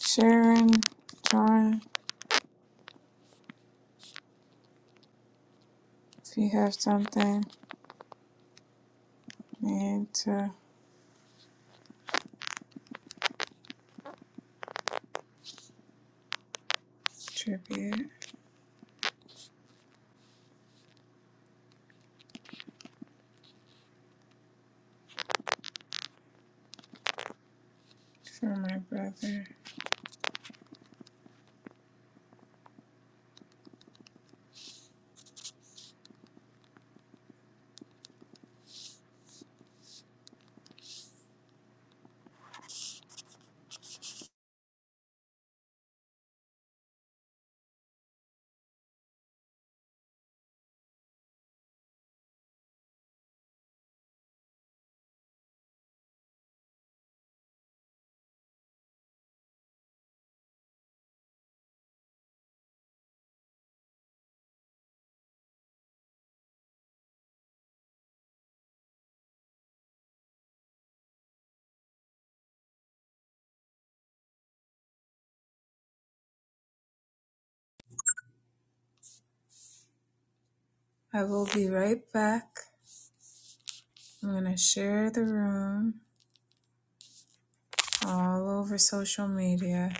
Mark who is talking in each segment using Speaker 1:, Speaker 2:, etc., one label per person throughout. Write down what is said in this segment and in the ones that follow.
Speaker 1: Sharon, John, if you have something need to tribute for my brother. I will be right back. I'm gonna share the room all over social media.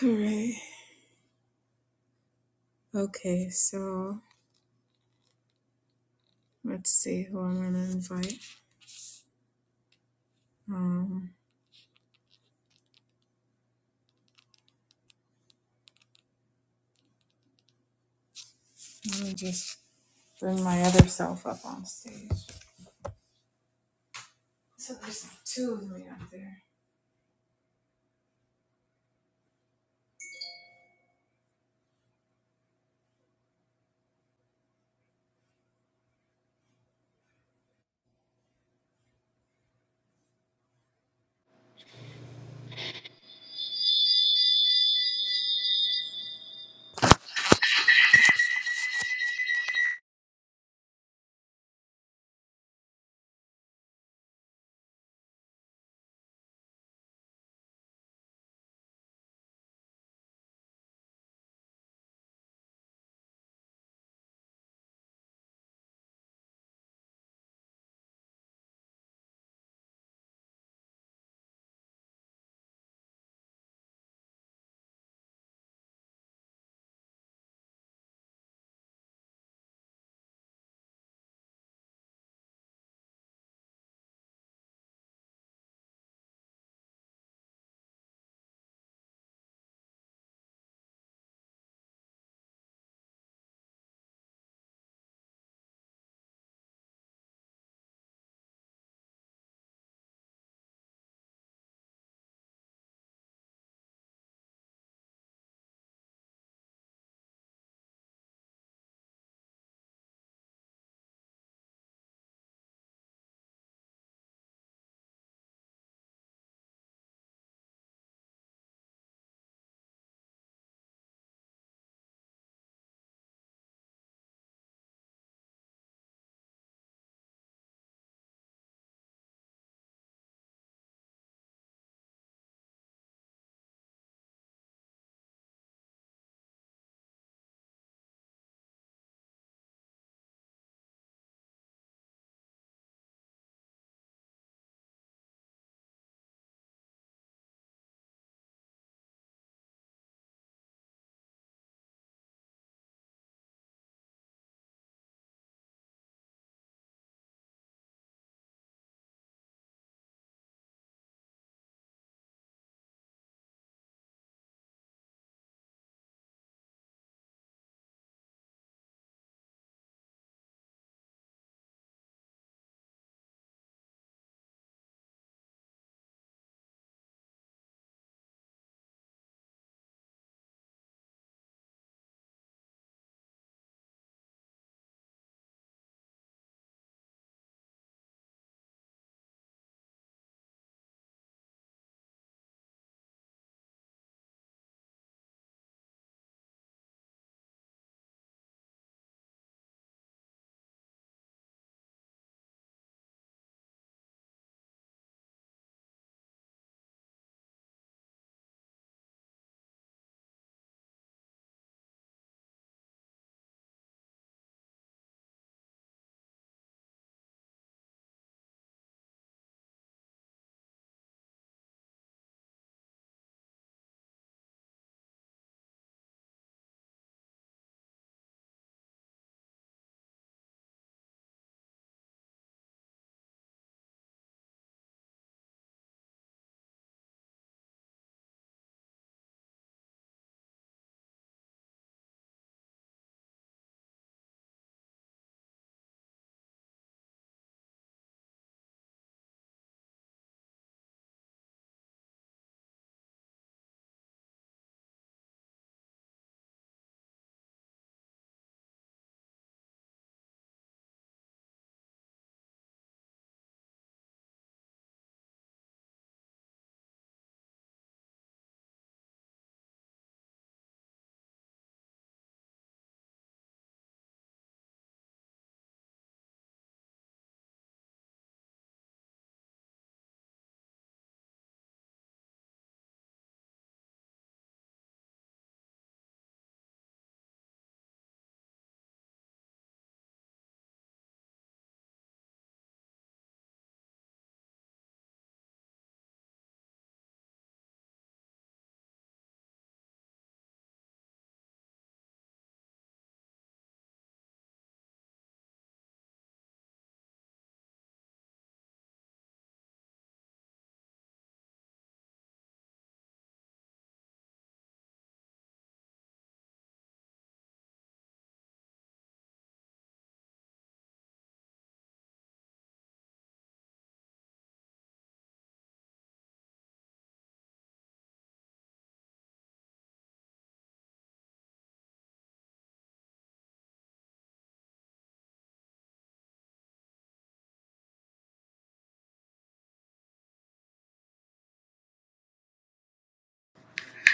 Speaker 1: Hooray. Okay, so let's see who I'm gonna invite. Um let me just bring my other self up on stage. So there's two of me up there.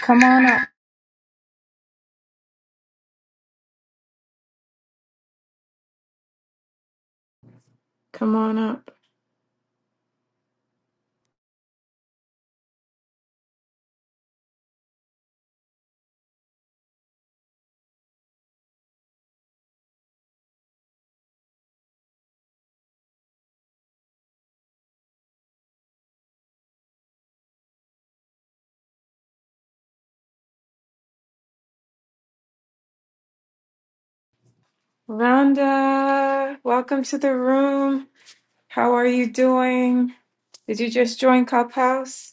Speaker 1: Come on up.
Speaker 2: Come on up. Rhonda, welcome to the room. How are you doing? Did you just join Clubhouse?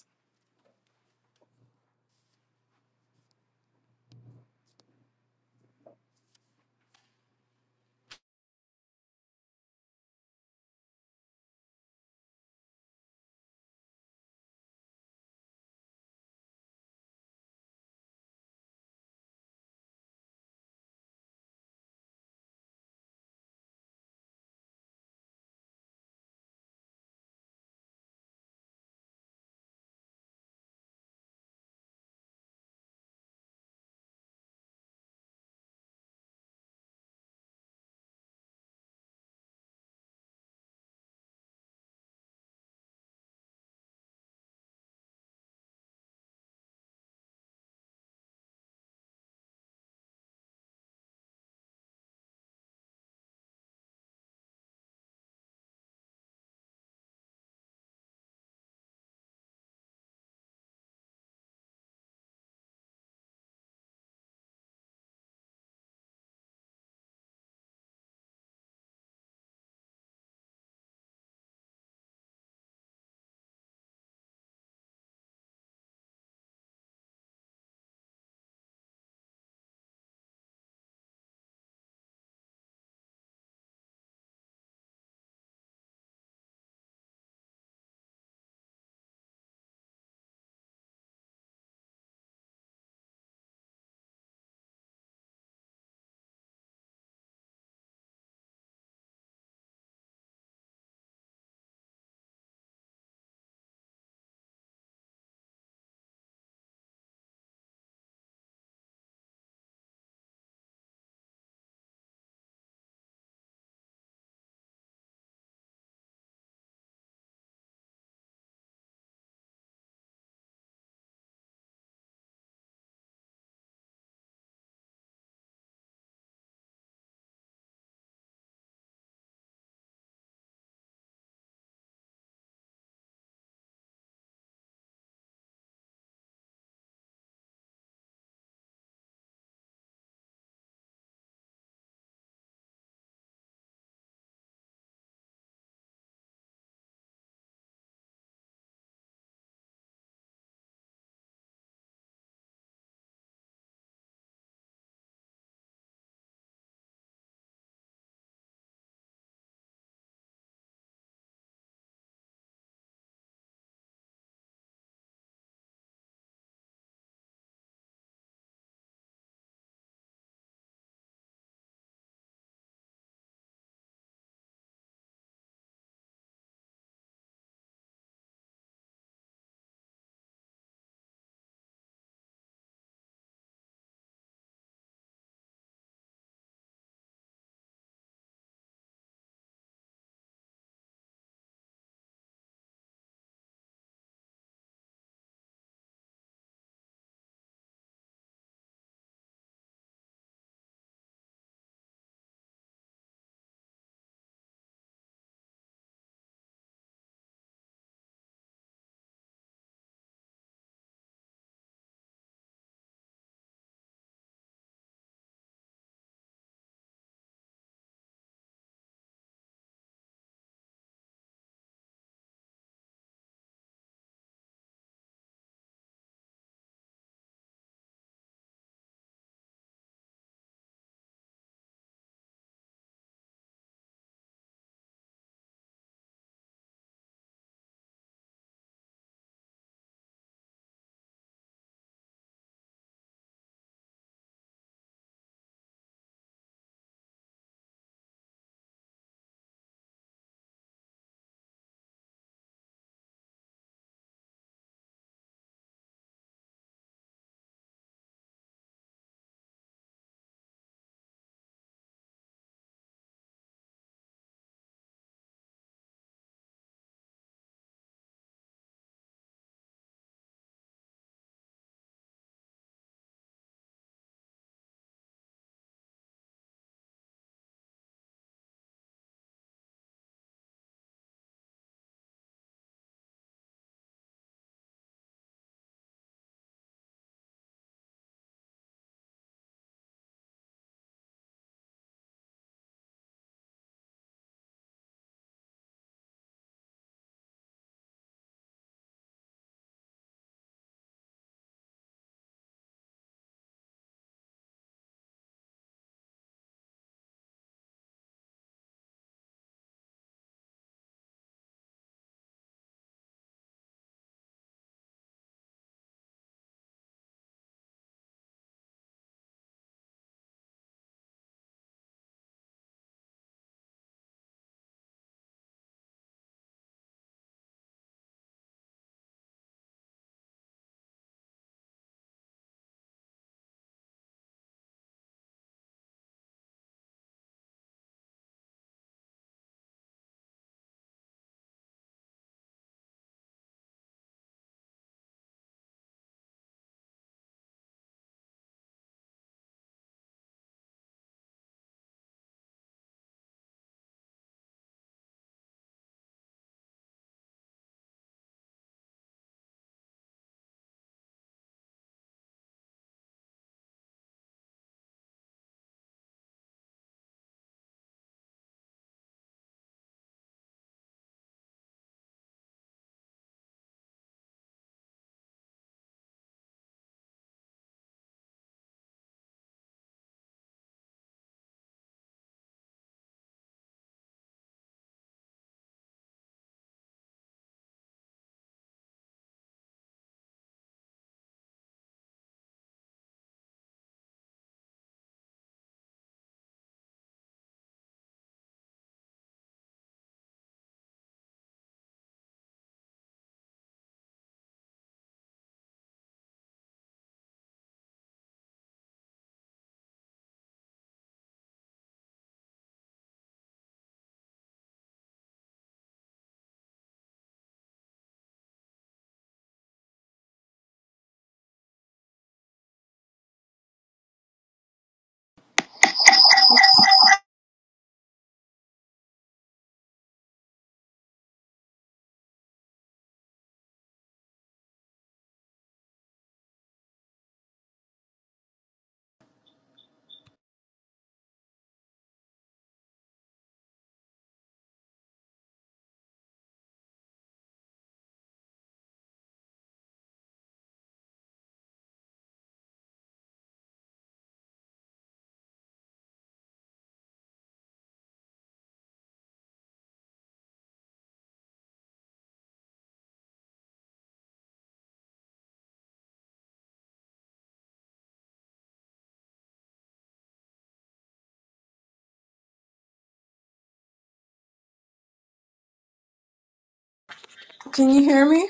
Speaker 1: Can you hear me?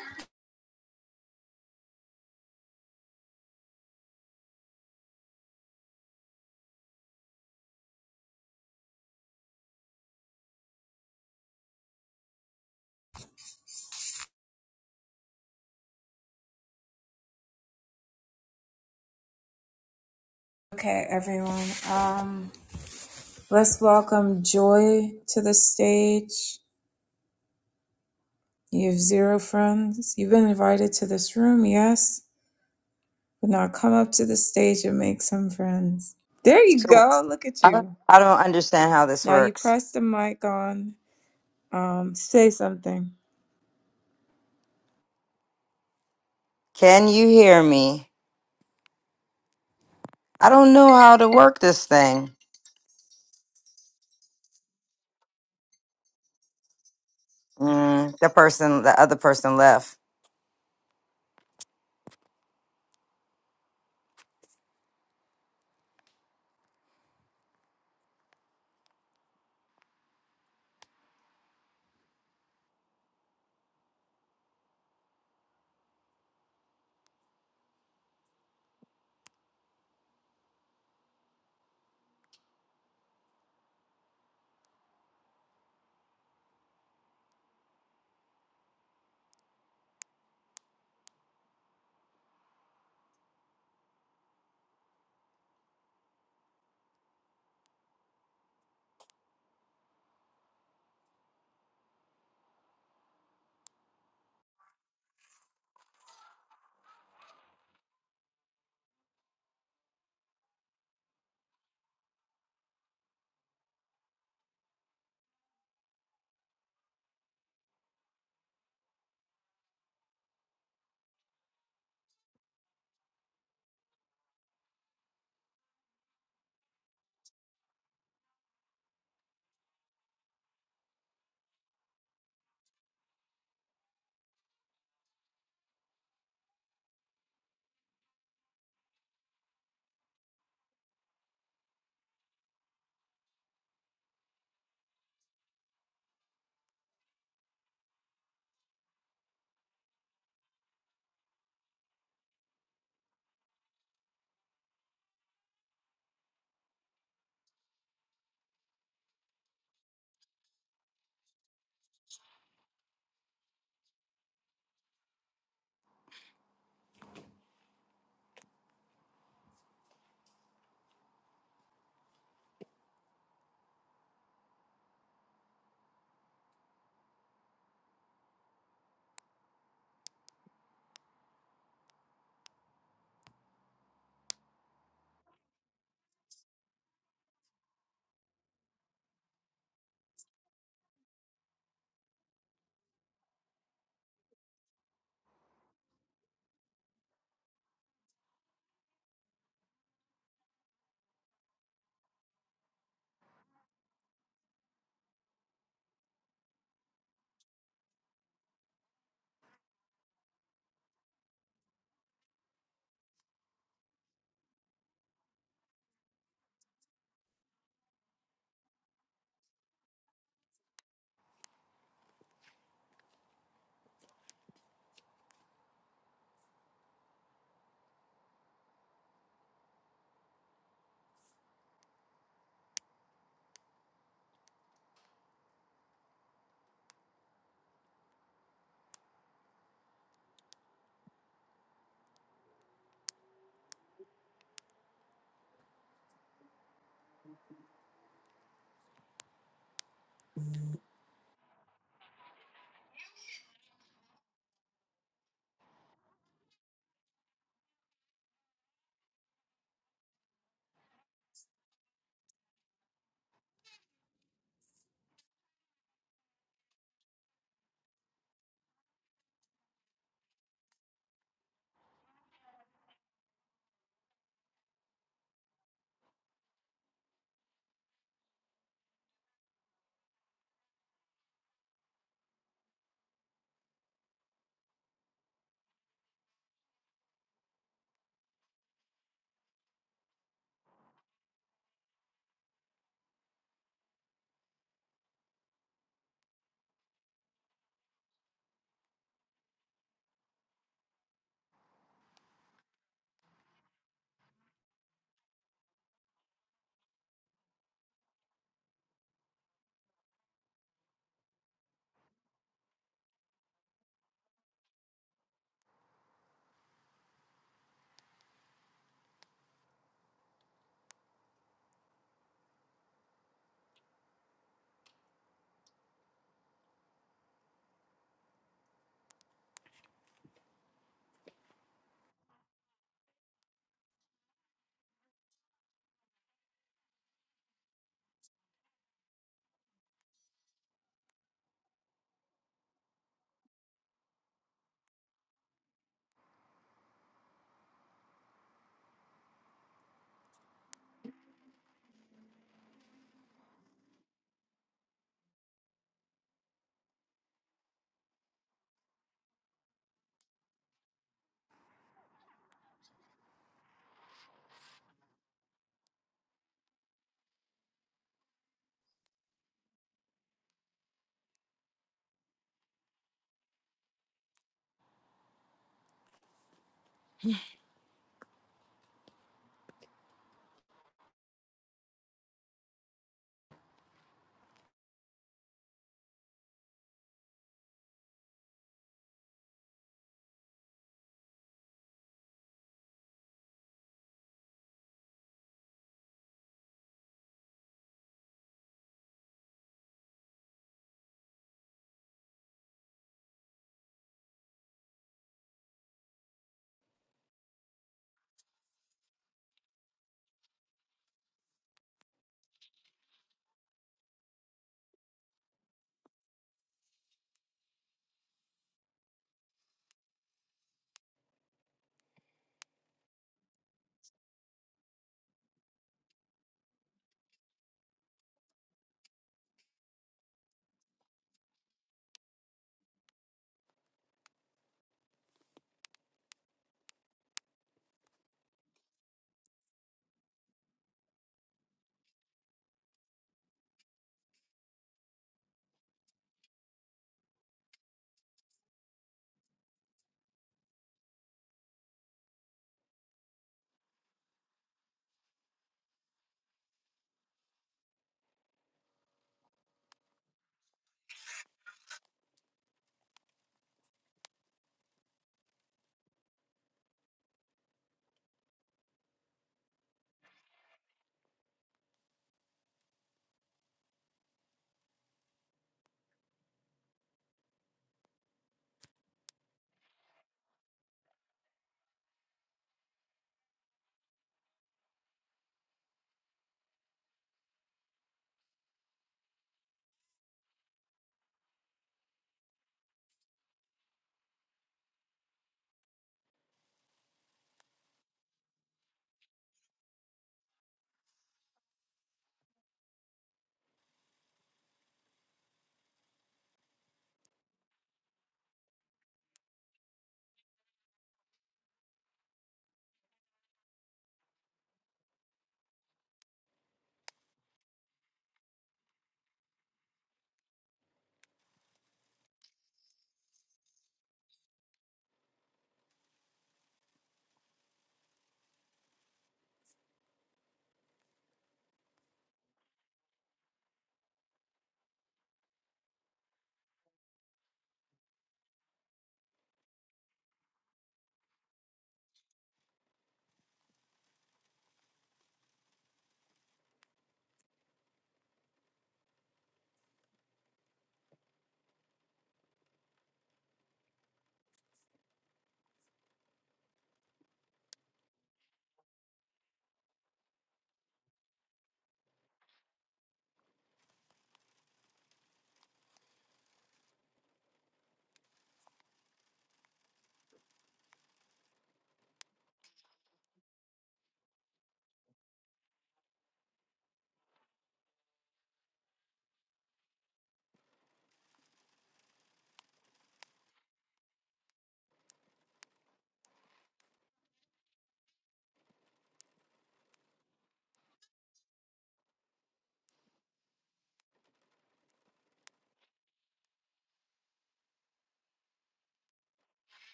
Speaker 1: Okay, everyone. Um Let's welcome Joy to the stage. You have zero friends. You've been invited to this room, yes, but now come up to the stage and make some friends. There you
Speaker 3: So
Speaker 1: go. Look at
Speaker 3: I don't,
Speaker 1: you.
Speaker 3: I don't understand how this
Speaker 1: Now you
Speaker 3: works.
Speaker 1: press the mic on. Um, say something.
Speaker 3: Can you hear me? I don't know how to work this thing. Mm, the person, the other person left.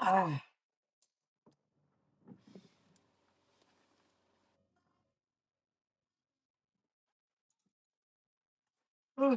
Speaker 3: Ah. Oh,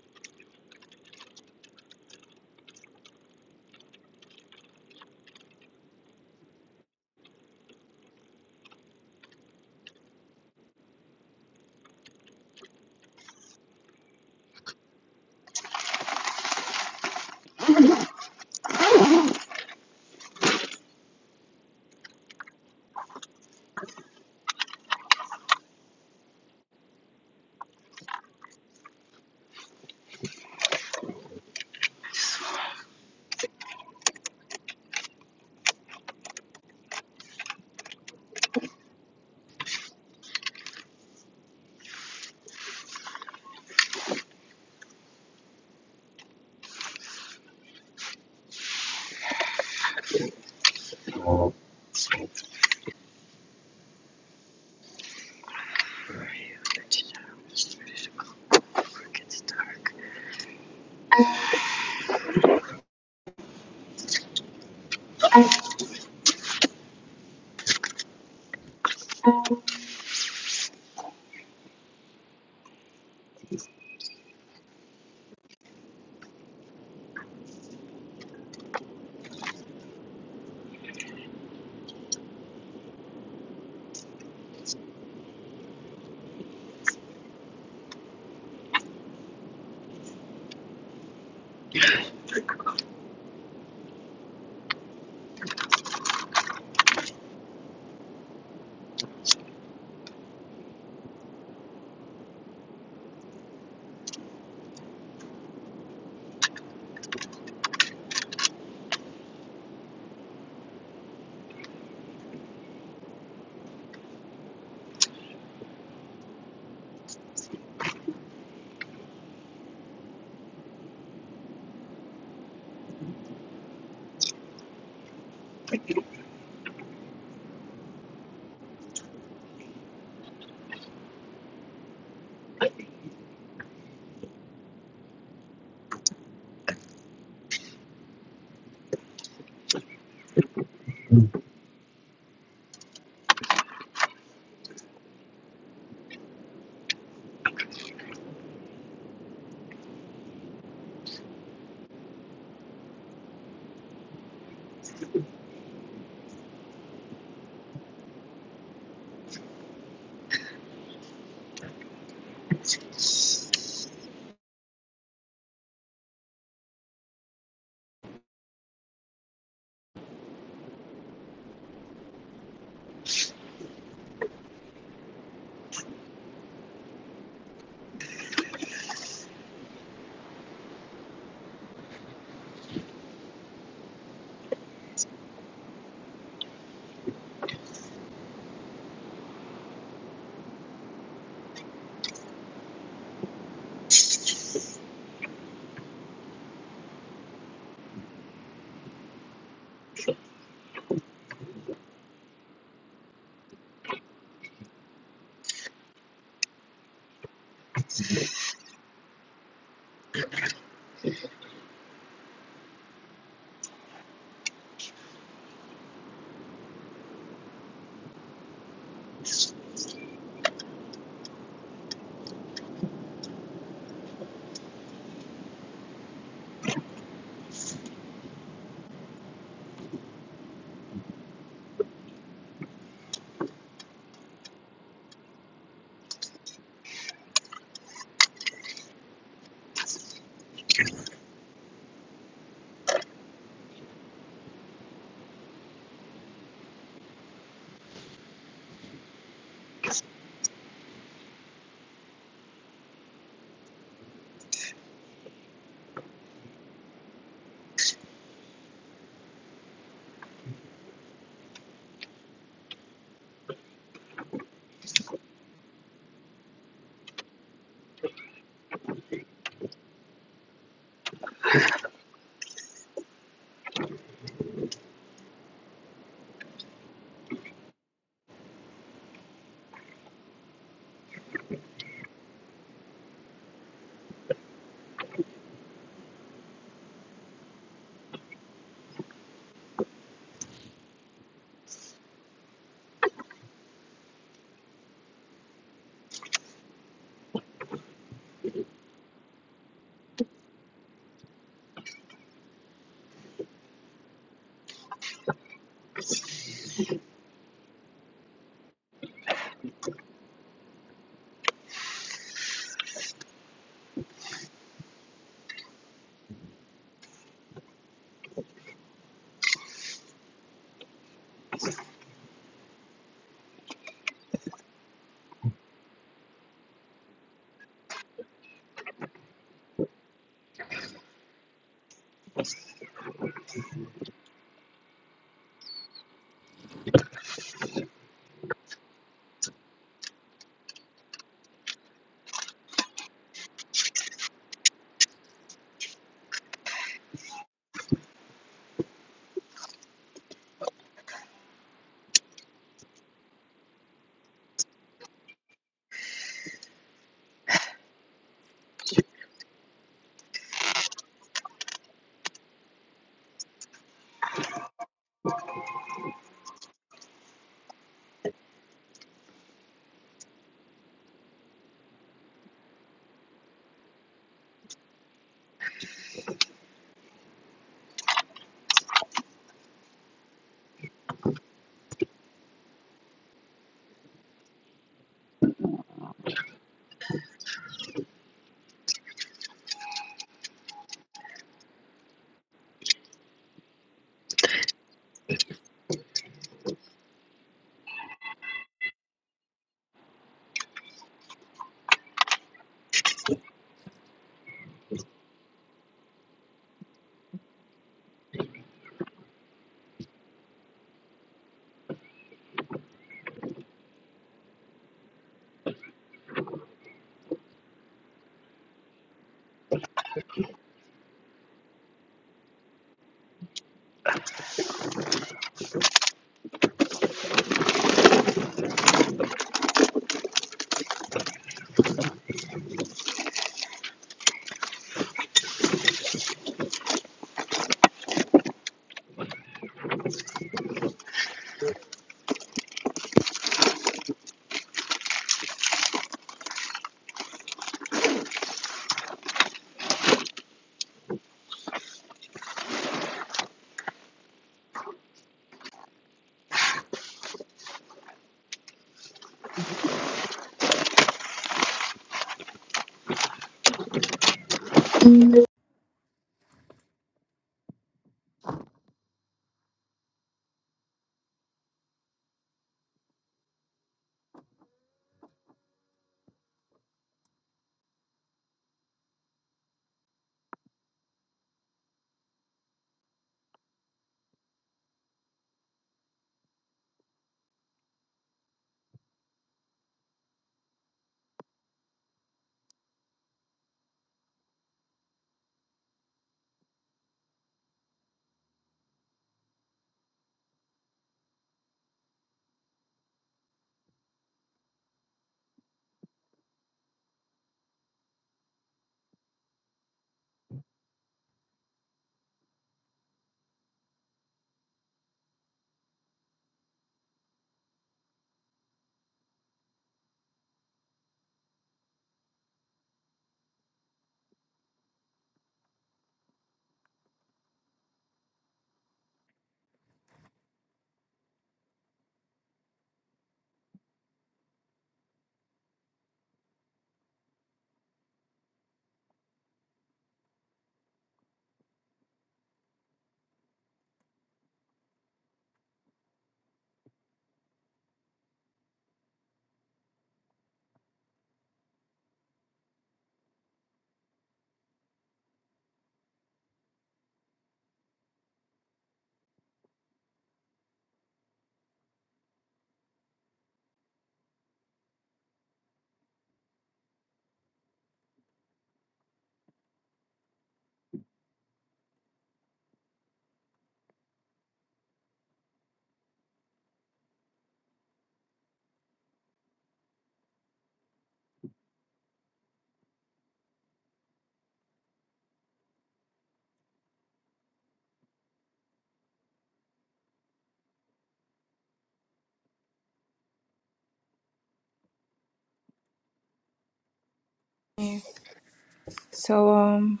Speaker 1: So um,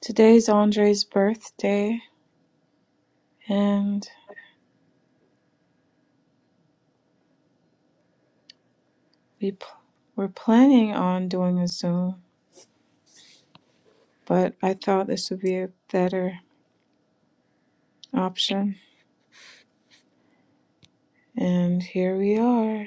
Speaker 1: today's Andre's birthday, and we pl- we're planning on doing a Zoom, but I thought this would be a better option, and here we are.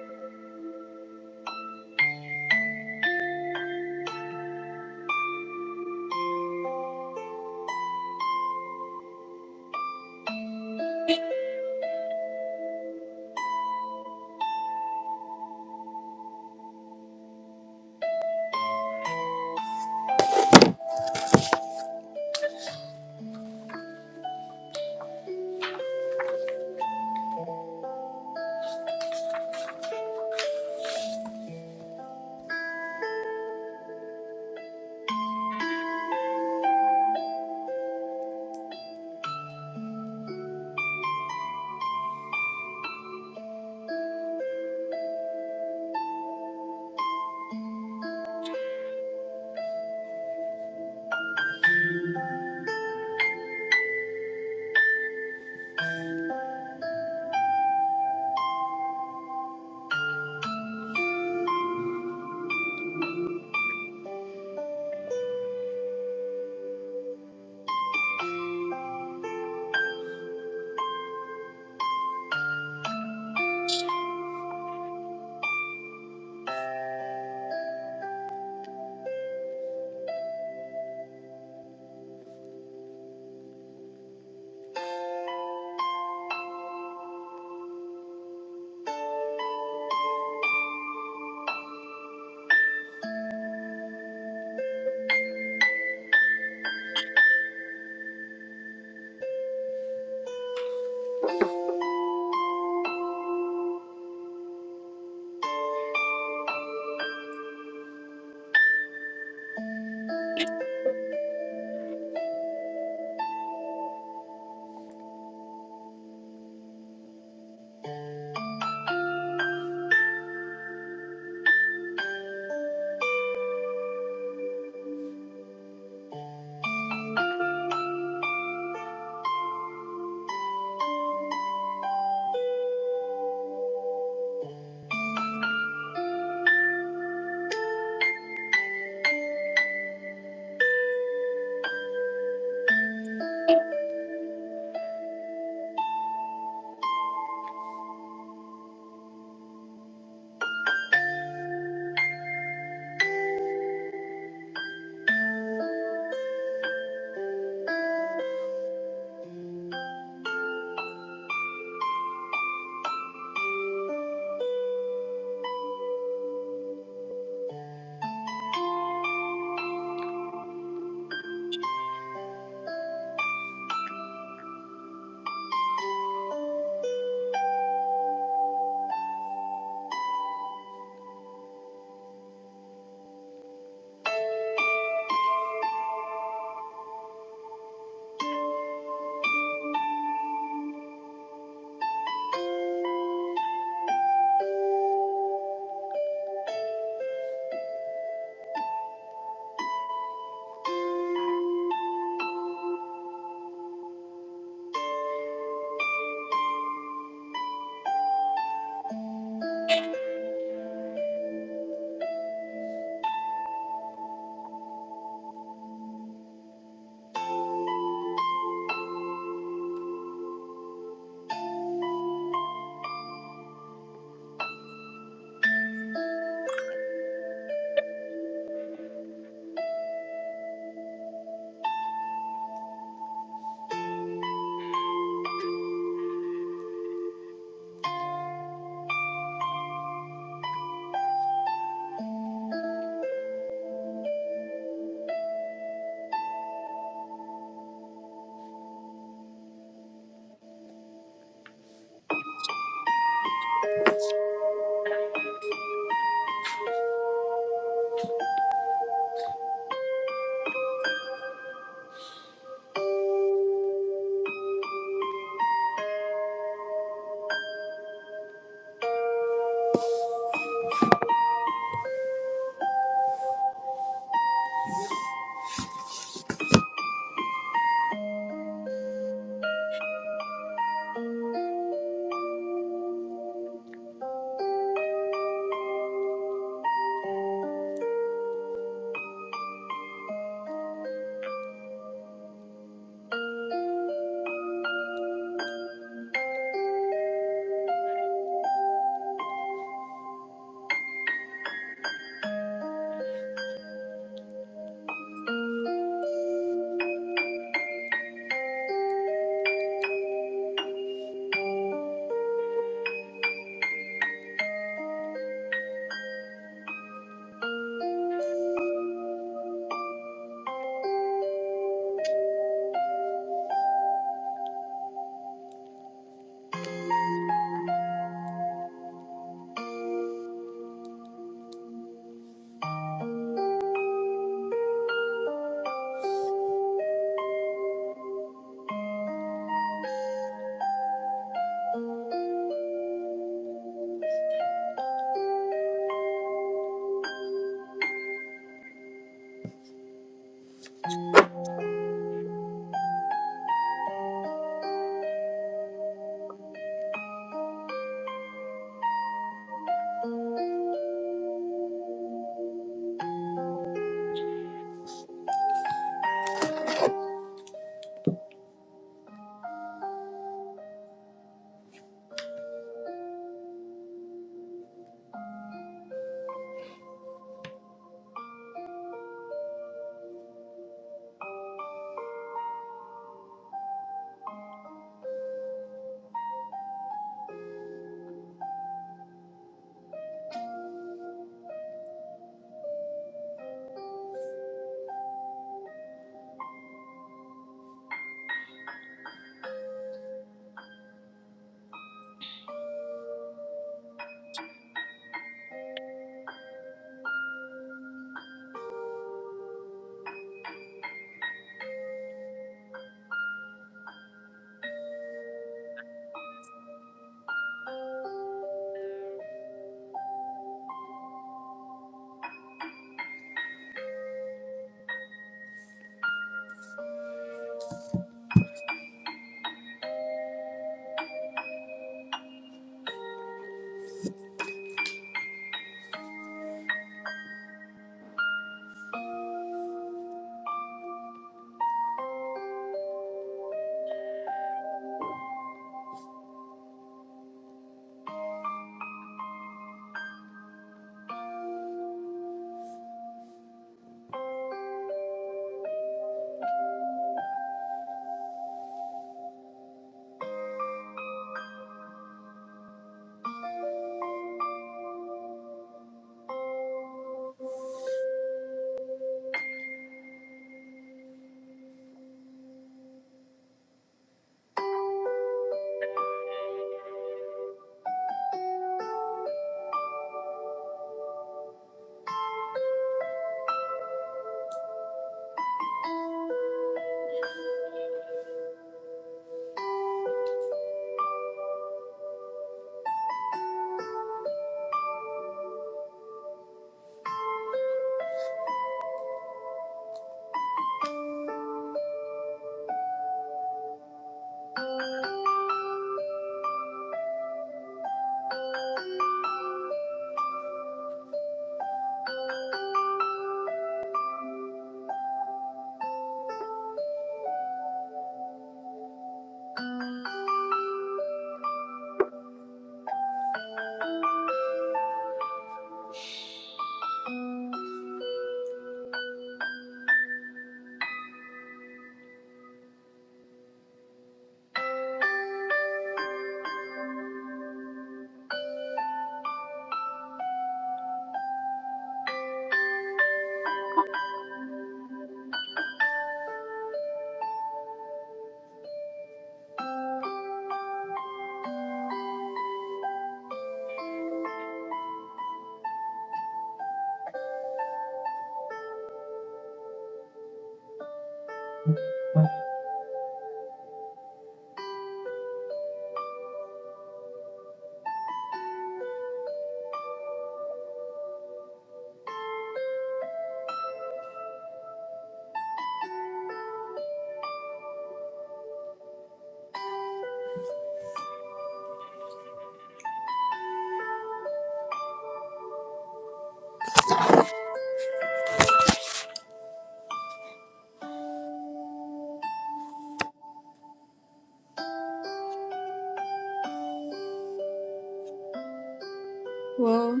Speaker 1: Well.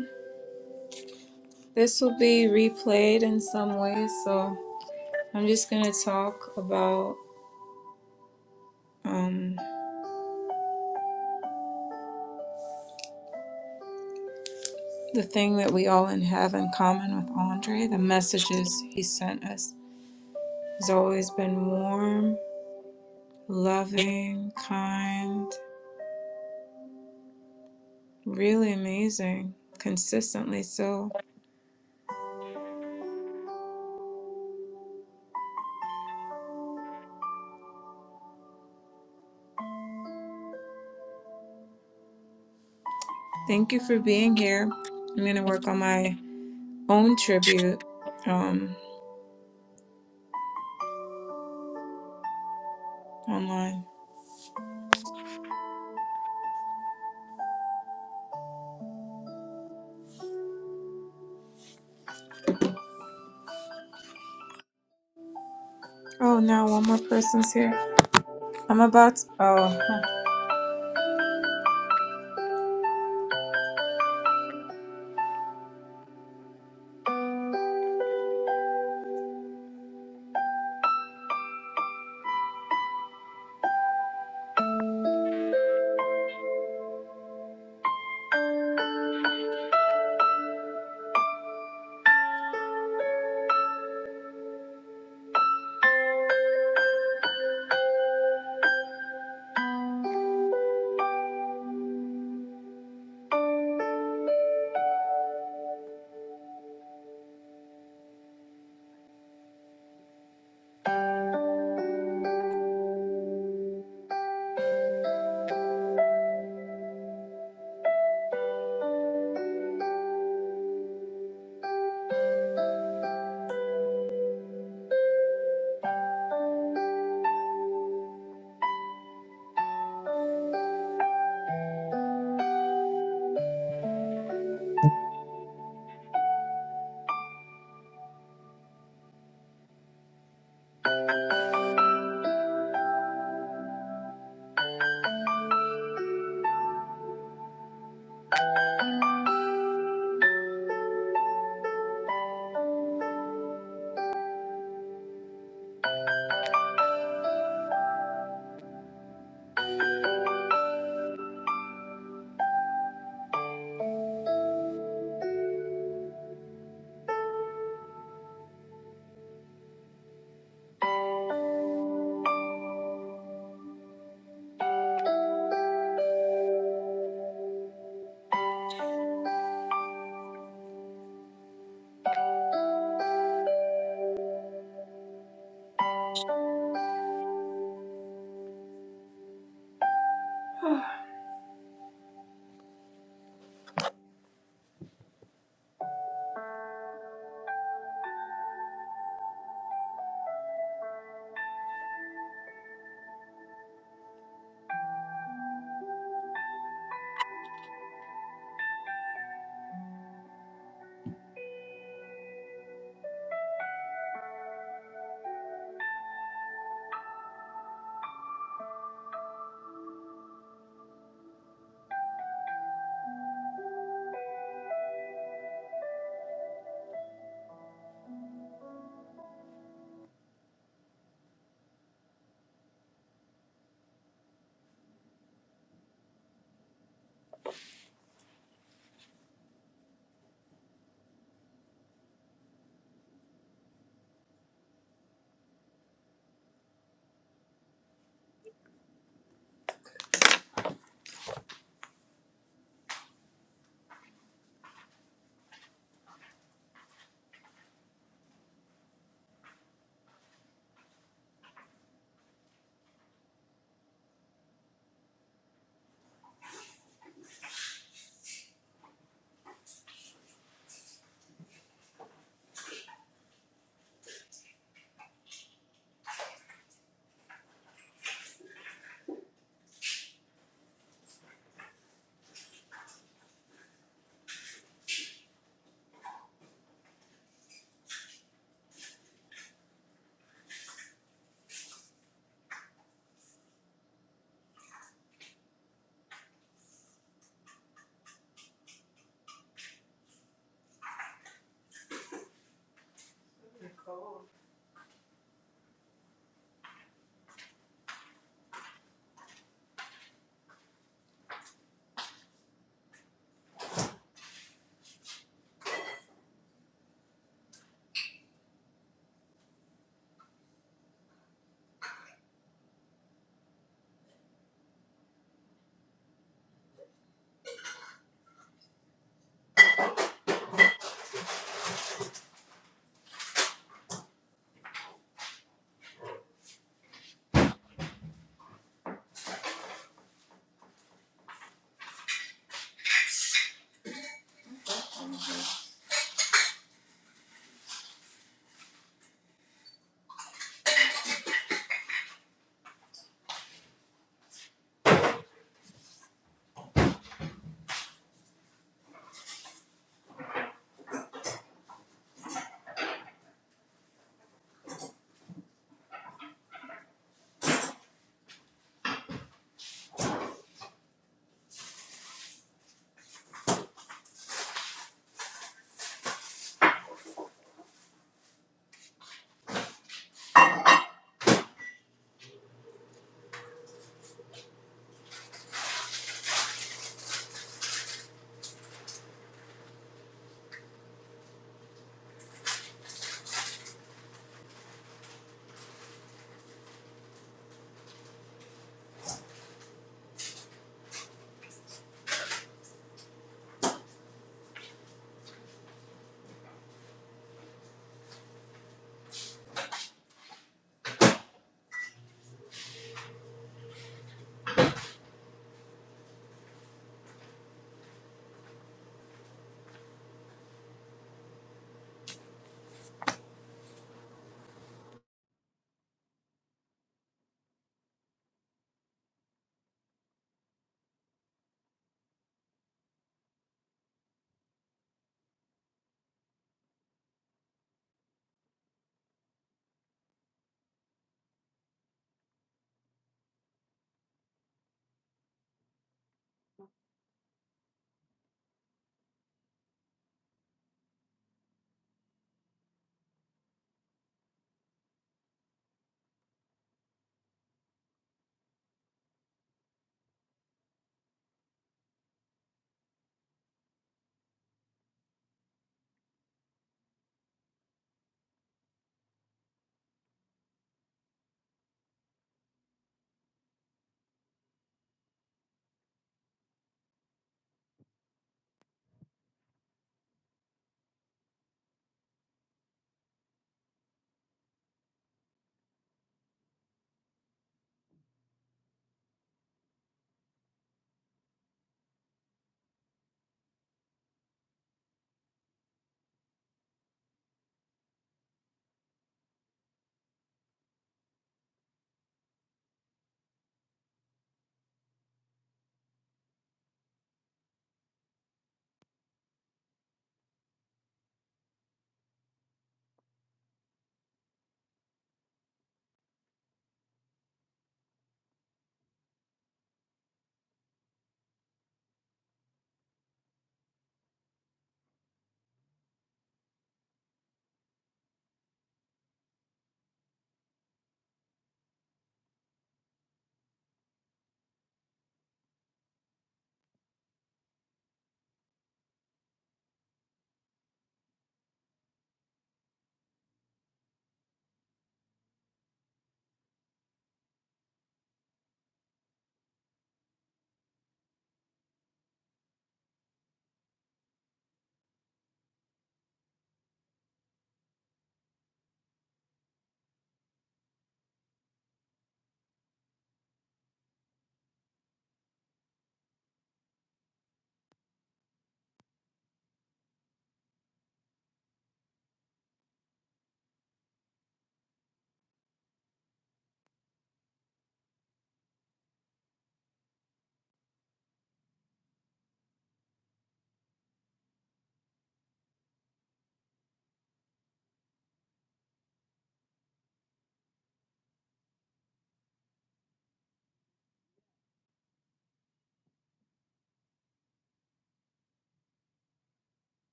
Speaker 1: This will be replayed in some way, so I'm just going to talk about um, the thing that we all have in common with Andre. The messages he sent us. He's always been warm, loving, kind, really amazing, consistently. So thank you for being here. I'm going to work on my own tribute um, online. Oh, now one more person's here. I'm about to. Oh,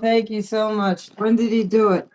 Speaker 3: thank you so much. When did he do it?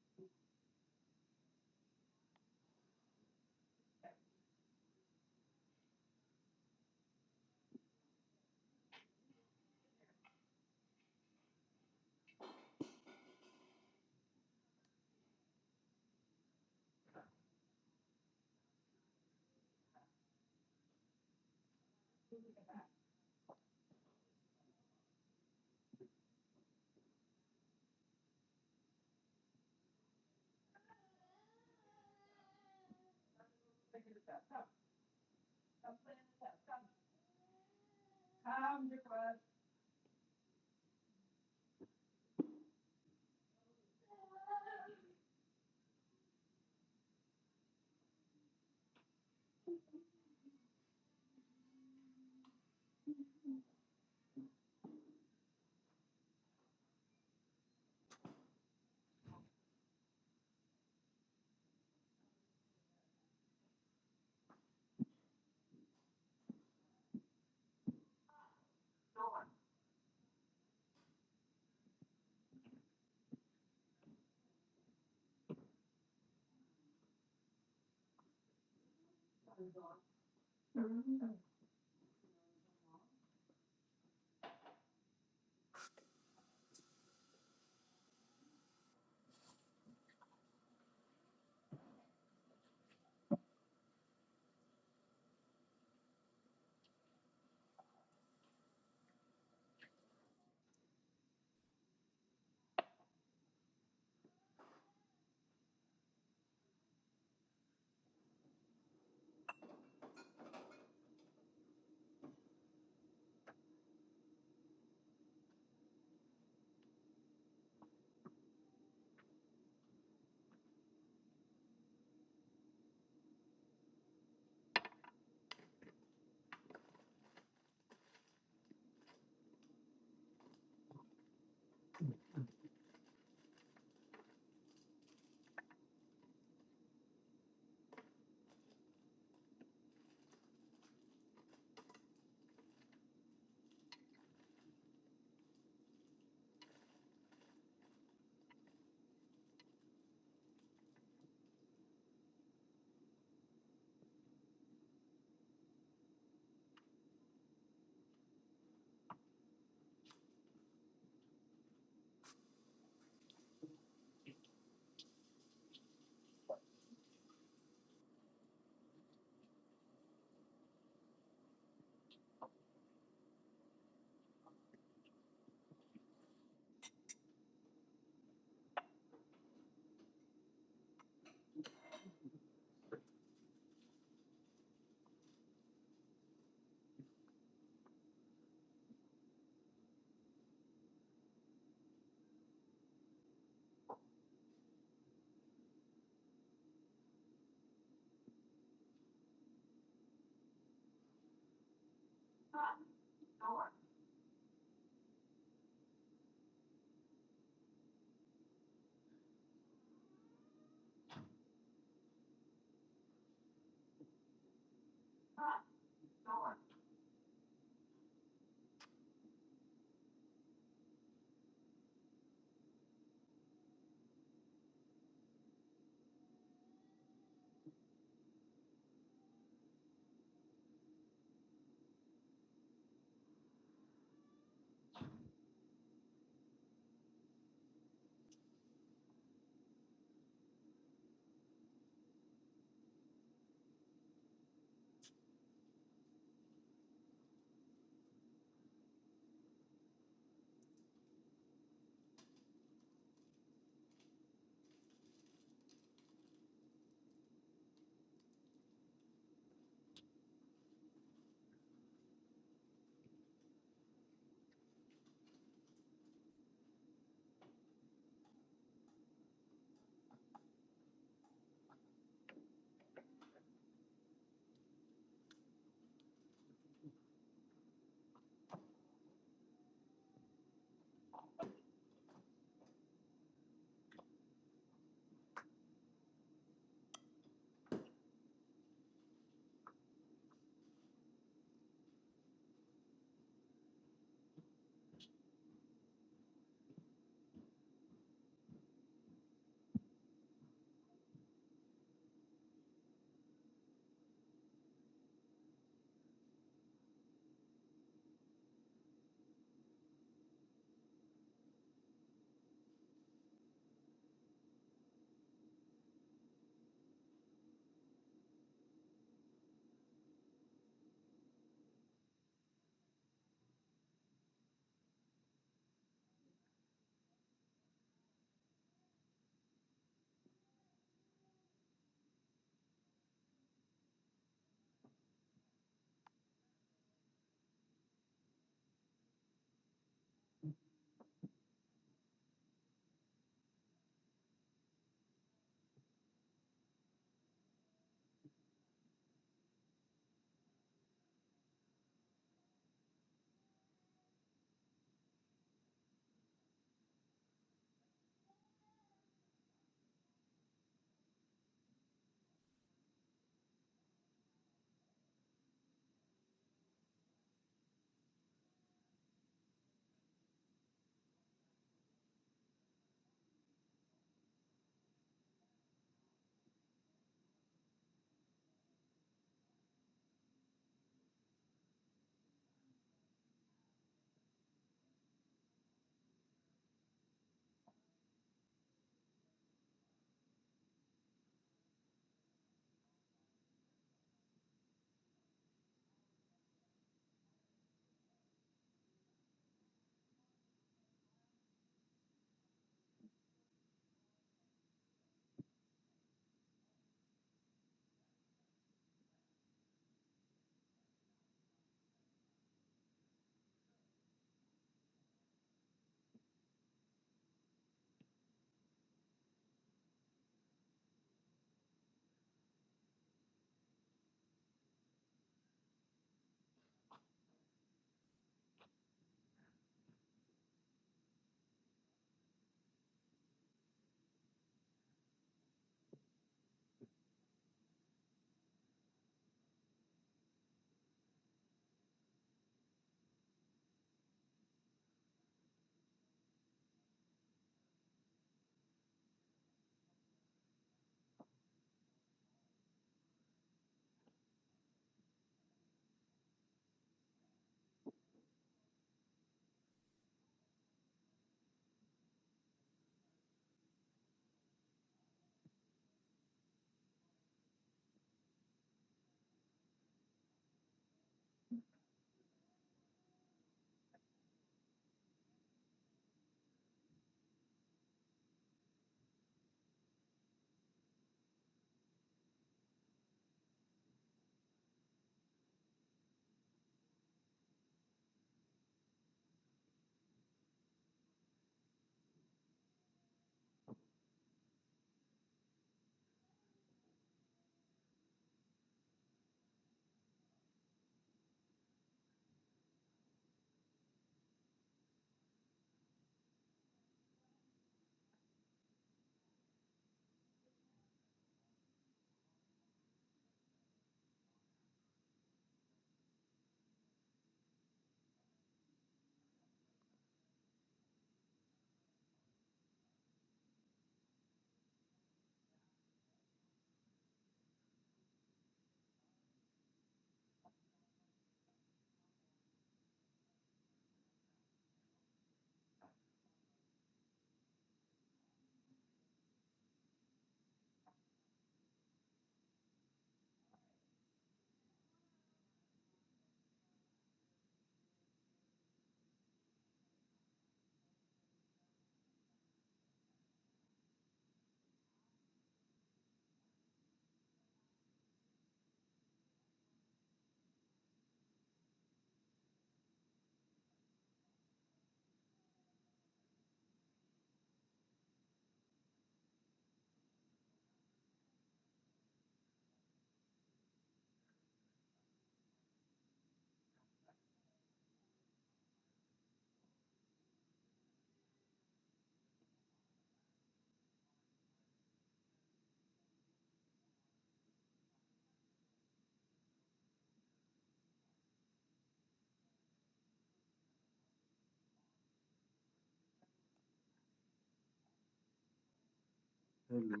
Speaker 4: Hello,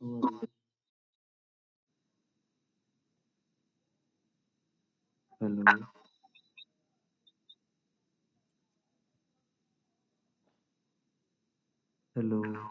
Speaker 4: how are you? Hello, hello.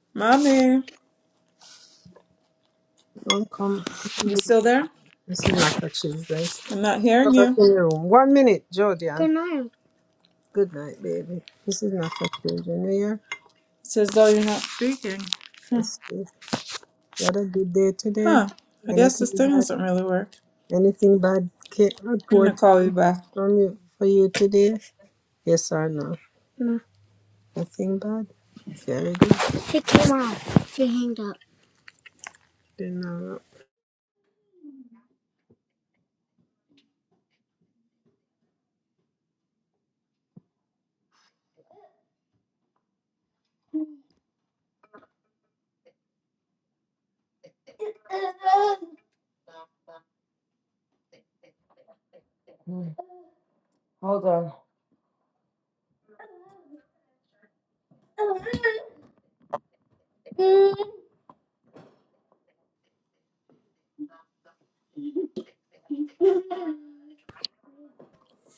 Speaker 1: mommy.
Speaker 5: Don't come
Speaker 1: You still there?
Speaker 5: messing up at children.
Speaker 1: I'm not
Speaker 5: Go
Speaker 1: hearing
Speaker 5: back
Speaker 1: you.
Speaker 5: in your room. One minute, Jordan. Good night. Good night, baby. This is not for children, yeah?
Speaker 1: It's as though you're not speaking. Hmm.
Speaker 5: Just sleep. You had a good day today.
Speaker 1: Huh. I guess
Speaker 5: Anything
Speaker 1: this thing
Speaker 5: bad?
Speaker 1: doesn't really work.
Speaker 5: Anything bad came
Speaker 1: I'm gonna
Speaker 5: report
Speaker 1: call you
Speaker 5: came
Speaker 1: back.
Speaker 5: from you for you today? Yes or no? No. Nothing bad. Very good. She came out. She hanged up. Didn't know.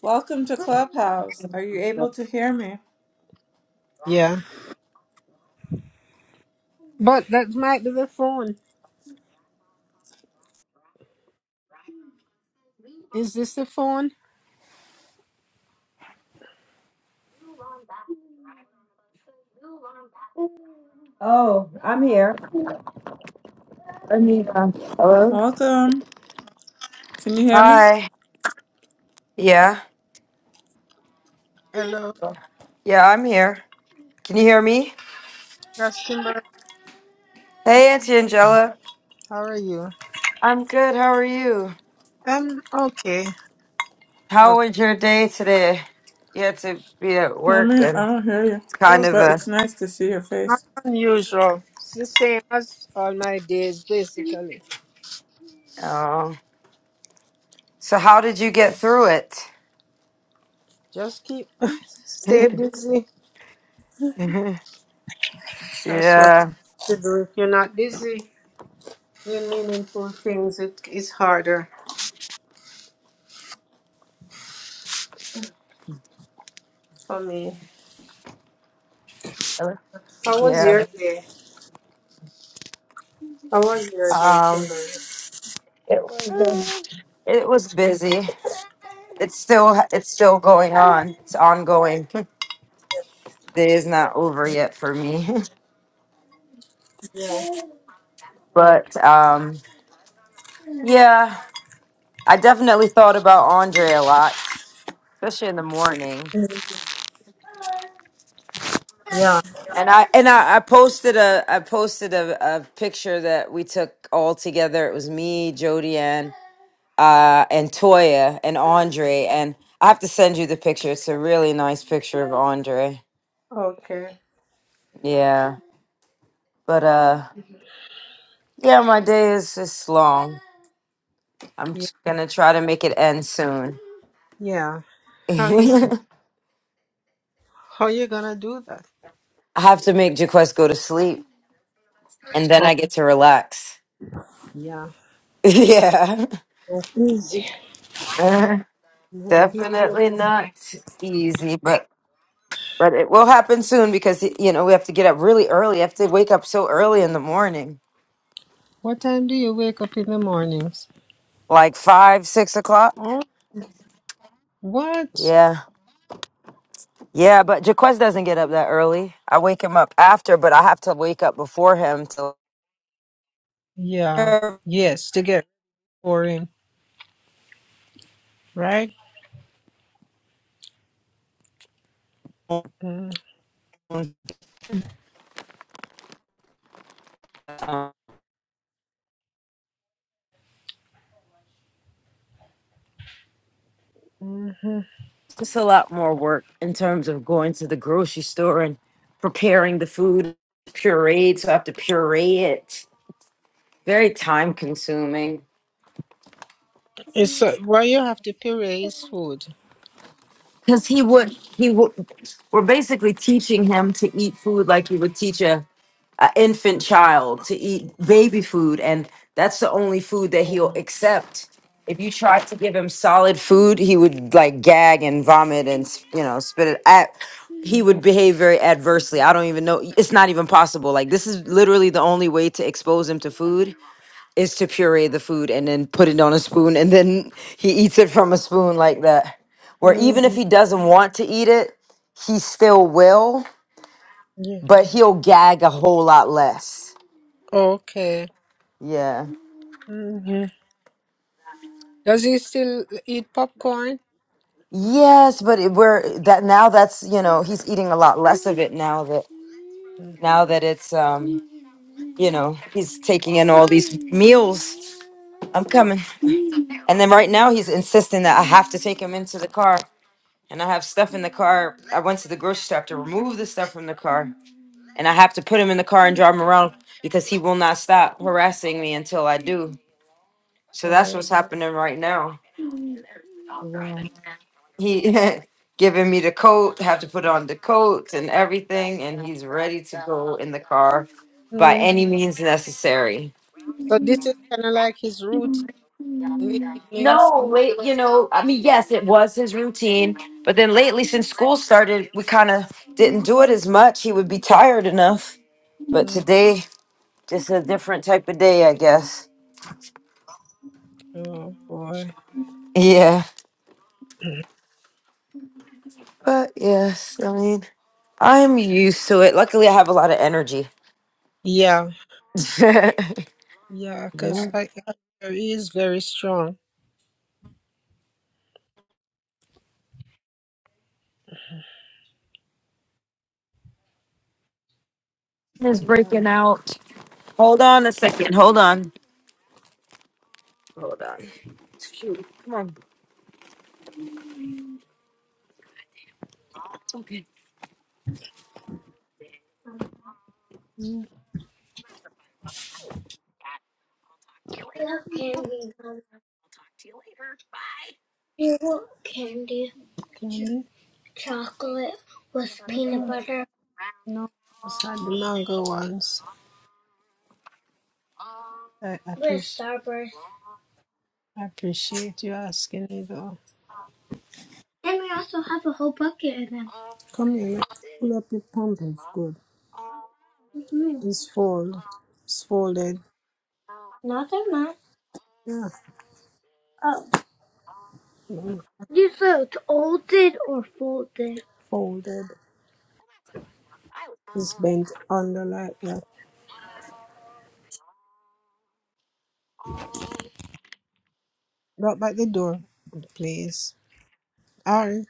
Speaker 1: Welcome to Clubhouse. Are you able to hear me?
Speaker 5: Yeah. But that might be the phone. Is this the phone?
Speaker 3: Oh, I'm here.
Speaker 1: Welcome. Can you hear me?
Speaker 3: Hi. Yeah.
Speaker 5: Hello,
Speaker 3: Yeah, I'm here. Can you hear me?
Speaker 5: Rustenberg.
Speaker 3: Hey, Auntie Angela.
Speaker 5: How are you?
Speaker 3: I'm good. How are you?
Speaker 5: Um, okay,
Speaker 3: How
Speaker 5: okay,
Speaker 3: was your day today? You had to be at work
Speaker 1: Mommy, I
Speaker 3: and
Speaker 1: don't hear you.
Speaker 3: it's kind
Speaker 5: just
Speaker 3: of
Speaker 1: But
Speaker 3: a.
Speaker 1: it's nice to see your
Speaker 5: not
Speaker 1: face.
Speaker 5: unusual. It's the same as all my days, basically.
Speaker 3: Oh. So, how did you get through it?
Speaker 5: Just keep stay busy.
Speaker 3: Mhm.
Speaker 5: That's what
Speaker 3: Yeah.
Speaker 5: to do. If you're not busy doing meaningful things, it is harder for me.
Speaker 3: Hello?
Speaker 5: How was
Speaker 3: Yeah.
Speaker 5: your day? How was your day,
Speaker 3: Um
Speaker 5: Kimberly?
Speaker 3: it was busy. It's still it's still going on. It's ongoing. It is not over yet for me.
Speaker 5: Yeah.
Speaker 3: But um yeah, I definitely thought about Andre a lot, especially in the morning.
Speaker 5: Mhm. Yeah.
Speaker 3: And I and I, I posted a I posted a, a picture that we took all together. It was me, Jodi Ann. uh, and Toya and Andre. And I have to send you the picture. It's a really nice picture of Andre.
Speaker 5: Okay.
Speaker 3: Yeah. But uh, yeah, my day is is long. I'm
Speaker 5: Yeah.
Speaker 3: just gonna try to make it end soon.
Speaker 5: Yeah. How you
Speaker 3: I
Speaker 5: how you gonna do that?
Speaker 3: have to make Jaquest go to sleep, and then
Speaker 5: Oh,
Speaker 3: I get to relax.
Speaker 5: yeah.
Speaker 3: yeah.
Speaker 5: Not easy.
Speaker 3: Uh,
Speaker 5: Not easy.
Speaker 3: Definitely not easy, but but it will happen soon because y- you know we have to get up really early. I have to wake up so early in the morning,
Speaker 5: What time do you wake up in the mornings?
Speaker 3: like five, six o'clock.
Speaker 5: Oh, what?
Speaker 3: Yeah. Yeah, but Jaquez doesn't get up that early. I wake him up after, but I have to wake up before him to.
Speaker 5: Yeah. Yes, to get boring, right? Mm-hmm.
Speaker 3: It's a lot more work in terms of going to the grocery store and preparing the food, pureed. So I have to puree it. Very time consuming.
Speaker 5: It's uh, well, you have to pay raise food.
Speaker 3: Because he would, he would. We're basically teaching him to eat food like you would teach a an infant child to eat baby food, and that's the only food that he'll
Speaker 5: Oh,
Speaker 3: accept. If you try to give him solid food, he would like gag and vomit and s- you know spit it at. He would behave very adversely. I don't even know. It's not even possible. Like this is literally the only way to expose him to food is to puree the food and then put it on a spoon, and then he eats it from a spoon like that. Where even if
Speaker 5: mhm.
Speaker 3: he doesn't want to eat it, he still will,
Speaker 5: yeah.
Speaker 3: but he'll gag a whole lot less
Speaker 5: Okay.
Speaker 3: Yeah.
Speaker 5: hmm Does he still eat popcorn?
Speaker 3: Yes, but it, we're that now that's, you know, he's eating a lot less of it now that
Speaker 5: Mm.
Speaker 3: now that it's um, you know, he's taking in all these meals. I'm coming. And then right now he's insisting that I have to take him into the car and I have stuff in the car. I went to the grocery store I have to remove the stuff from the car and I have to put him in the car and drive him around because he will not stop harassing me until I do. So that's
Speaker 5: Oh,
Speaker 3: what's happening right now.
Speaker 5: wow.
Speaker 3: he giving me the coat, have to put on the coat and everything, and he's ready to go in the car by
Speaker 5: Mm.
Speaker 3: any means necessary.
Speaker 5: So this is kind of like his routine in the evenings.
Speaker 3: No, wait, you know, I mean, yes, it was his routine, but then lately, since school started, we kind of didn't do it as much. He would be tired enough, but
Speaker 5: Mm.
Speaker 3: today, just a different type of day, I guess.
Speaker 5: Oh boy.
Speaker 3: Yeah,
Speaker 5: Mm.
Speaker 3: but yes, I mean, I'm used to it. Luckily, I have a lot of energy.
Speaker 5: Yeah. Yeah, because
Speaker 3: Yeah.
Speaker 5: I, I, he is very strong.
Speaker 3: Is
Speaker 5: Yeah.
Speaker 3: breaking out. Hold on a second. Hold on. Hold on. Shoot. Come on.
Speaker 5: You want candy? Candy? Chocolate with peanut No, butter? no, those are the mango ones. I With appreciate Starburst. I appreciate you asking me though. And we also have a whole bucket of them. Come here, let pull up the pumpkin. It's good. hmm It's fold. It's folded. No, they're Not that much. Yeah. Oh, mm, you said it's folded or folded? Folded. It's bent under like that. Knock back the door, please. Ari,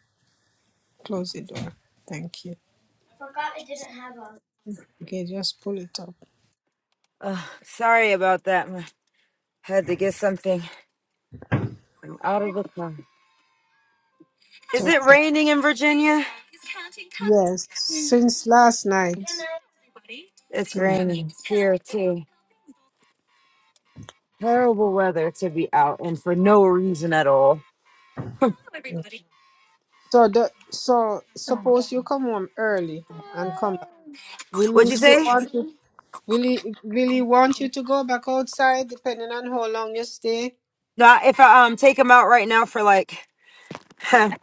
Speaker 5: close the door. Thank you. I forgot I didn't have one. Okay, just pull it up.
Speaker 3: Uh, sorry about that. I had to get something from out of the car.
Speaker 5: It's
Speaker 3: Is it
Speaker 5: okay.
Speaker 3: raining in Virginia?
Speaker 5: Yes, since last night.
Speaker 3: It's
Speaker 5: Good night.
Speaker 3: raining here too. Terrible weather to be out and for no reason at all.
Speaker 5: yeah. So the so suppose you come home early and come back. Will
Speaker 3: What'd
Speaker 5: he
Speaker 3: you
Speaker 5: still
Speaker 3: say?
Speaker 5: want you? Will he, will he want you to go back outside depending on how long you stay?
Speaker 3: No, if I um take him out right now for like at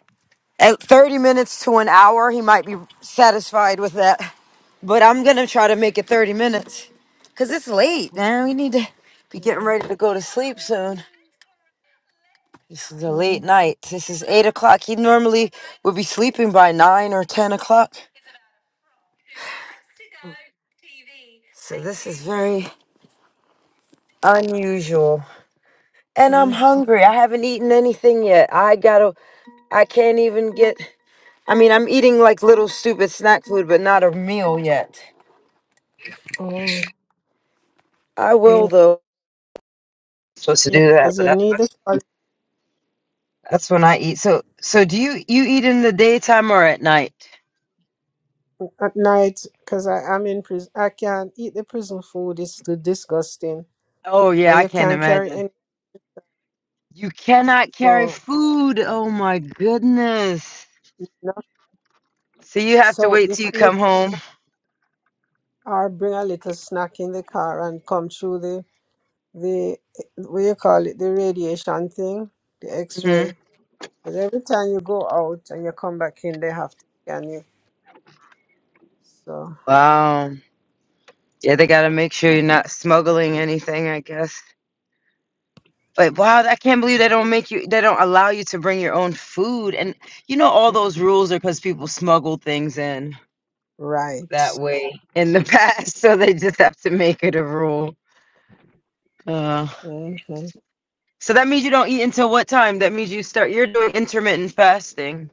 Speaker 3: 30 minutes to an hour, he might be satisfied with that. But I'm gonna try to make it 30 minutes. Cause it's late, man. We need to be getting
Speaker 5: Yeah.
Speaker 3: ready to go to sleep soon. This is a late
Speaker 5: Mm,
Speaker 3: night. This is eight o'clock. He normally would be sleeping by nine or ten o'clock.
Speaker 5: mm,
Speaker 3: So this is very unusual. And I'm
Speaker 5: mm,
Speaker 3: hungry. I haven't eaten anything yet. I gotta I can't even get I mean I'm eating like little stupid snack food, but not a meal yet.
Speaker 5: mm.
Speaker 3: I
Speaker 5: mm.
Speaker 3: will though. Supposed to
Speaker 5: Yeah,
Speaker 3: do that,
Speaker 5: because
Speaker 3: but
Speaker 5: you
Speaker 3: that,
Speaker 5: need it. for
Speaker 3: that's when I eat. So so do you you eat in the daytime or at night?
Speaker 5: at night because I'm in prison. I can't eat the prison food. It's too disgusting,
Speaker 3: Oh yeah,
Speaker 5: and
Speaker 3: I
Speaker 5: you
Speaker 3: can't
Speaker 5: can't carry
Speaker 3: imagine.
Speaker 5: any.
Speaker 3: You cannot carry
Speaker 5: So,
Speaker 3: food. Oh my goodness.
Speaker 5: you know,
Speaker 3: So you have to
Speaker 5: so
Speaker 3: wait
Speaker 5: if
Speaker 3: till you come home.
Speaker 5: or bring a little snack in the car and come through the the what you call it the radiation thing, the
Speaker 3: hmm
Speaker 5: X-ray. Because every time you go out and you come back in, they have to scan you. So
Speaker 3: Wow. Yeah, they gotta make sure you're not smuggling anything, I guess. But wow, I can't believe they don't make you. They don't allow you to bring your own food. And you know, all those rules are because people smuggled things in that
Speaker 5: right.
Speaker 3: way in the past. So they just have to make it a rule. Uh,
Speaker 5: hmm
Speaker 3: so that means you don't eat until what time? That means you start. You're doing intermittent fasting.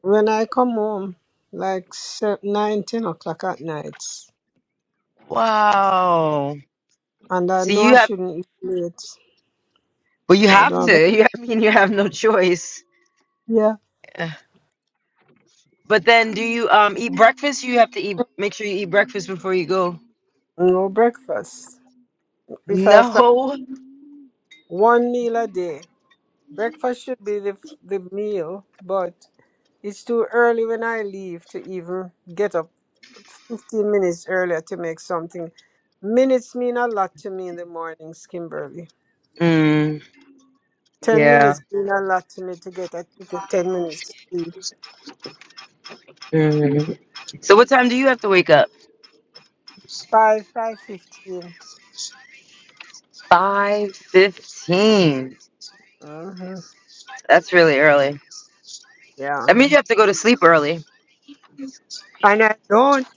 Speaker 5: When I come home, like se- nine, ten o'clock at night,
Speaker 3: Wow.
Speaker 5: and I
Speaker 3: So
Speaker 5: know I
Speaker 3: you have.
Speaker 5: shouldn't eat late.
Speaker 3: Well, you
Speaker 5: But I
Speaker 3: have
Speaker 5: don't have a
Speaker 3: to. You. I mean, you have no choice.
Speaker 5: yeah.
Speaker 3: Yeah. But then, do you um eat breakfast? You have to eat. Make sure you eat breakfast before you go.
Speaker 5: No breakfast. If I find
Speaker 3: No,
Speaker 5: one meal a day, breakfast should be the the meal, but it's too early when I leave to even get up 15 minutes earlier to make something. Minutes mean a lot to me in the mornings, Kimberly.
Speaker 3: Mm,
Speaker 5: 10
Speaker 3: yeah.
Speaker 5: minutes mean a lot to me to get at to 10 minutes sleep.
Speaker 3: Mm. So, what time do you have to wake up?
Speaker 5: 5, five fifteen. 15.
Speaker 3: Five fifteen.
Speaker 5: Mm-hmm.
Speaker 3: That's really early.
Speaker 5: Yeah.
Speaker 3: That means you have to go to sleep early.
Speaker 5: And I don't.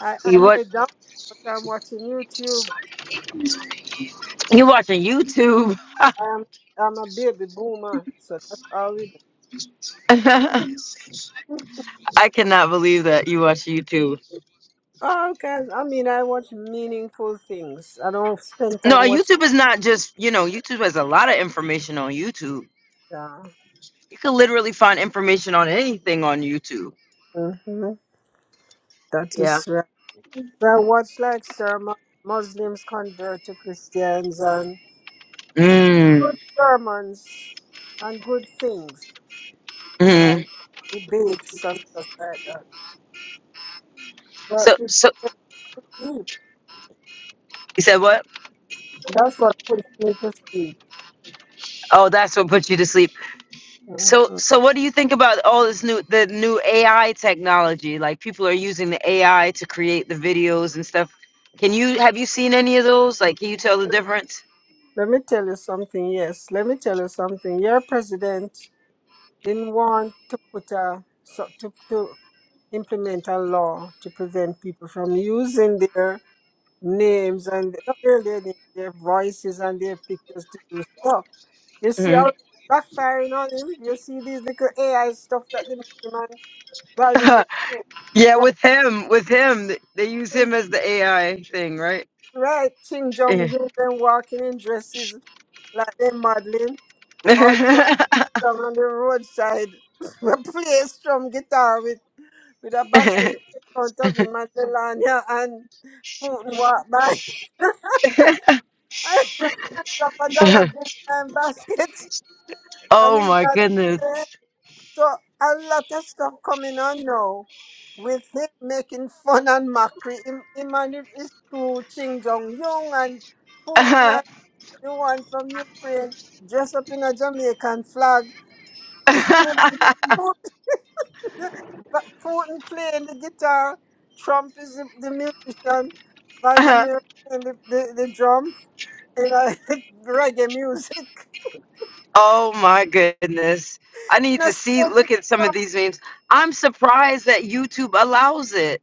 Speaker 5: I, I
Speaker 3: You what?
Speaker 5: lay down, but I'm watching YouTube.
Speaker 3: You watching YouTube?
Speaker 5: I'm I'm a baby boomer, so that's all we do.
Speaker 3: I cannot believe that you watch YouTube.
Speaker 5: Oh, okay. I mean, I watch meaningful things. I don't spend
Speaker 3: No,
Speaker 5: time watching.
Speaker 3: YouTube is not just you know. YouTube has a lot of information on YouTube.
Speaker 5: Uh,
Speaker 3: You can literally find information on anything on YouTube.
Speaker 5: hmm That
Speaker 3: yeah,
Speaker 5: is right. So I watch like sermons. Muslims convert to Christians and good
Speaker 3: Mm.
Speaker 5: sermons and good things that
Speaker 3: Mm.
Speaker 5: I debates and stuff like that. But
Speaker 3: So,
Speaker 5: it's
Speaker 3: so
Speaker 5: deep.
Speaker 3: you said what?
Speaker 5: That's what puts me to sleep.
Speaker 3: Oh, that's what put you to sleep. So,
Speaker 5: Mhm.
Speaker 3: so what do you think about all this new, the new AI technology? Like people are using the AI to create the videos and stuff. Can you have you seen any of those? Like, can you tell the difference?
Speaker 5: Let me tell you something. Yes, let me tell you something. Your president. didn't want to put a so to, to implement a law to prevent people from using their names and not really their names, their voices and their pictures to do stuff. You see
Speaker 3: hmm
Speaker 5: how it's backfiring on him? You see these little AI stuff that they make him and Vladimir Putin
Speaker 3: yeah, with him, with him, th- they use
Speaker 5: walking
Speaker 3: him as the AI thing, right?
Speaker 5: right Ching Jong
Speaker 3: Yeah.
Speaker 5: Un them walking in dresses like they're modeling or Trump down on the roadside play strum guitar with with a basket in front of him and Melania and Putin walk by. I drop a dollar bill and basket and
Speaker 3: oh
Speaker 5: he's
Speaker 3: my
Speaker 5: not
Speaker 3: goodness.
Speaker 5: there. So a lot of stuff coming on now with him making fun and mockery. Him, him and his his crew, Ching Jong Yong and Putin and the one from Ukraine dressed up in a Jamaican flag. Putin But Putin playing the guitar, Trump is the, the musician, Vladimir playing the, the, the drum, and I reggae music.
Speaker 3: Oh my goodness. I need
Speaker 5: And I
Speaker 3: to
Speaker 5: said,
Speaker 3: see, look at some of these memes. I'm surprised that YouTube allows it.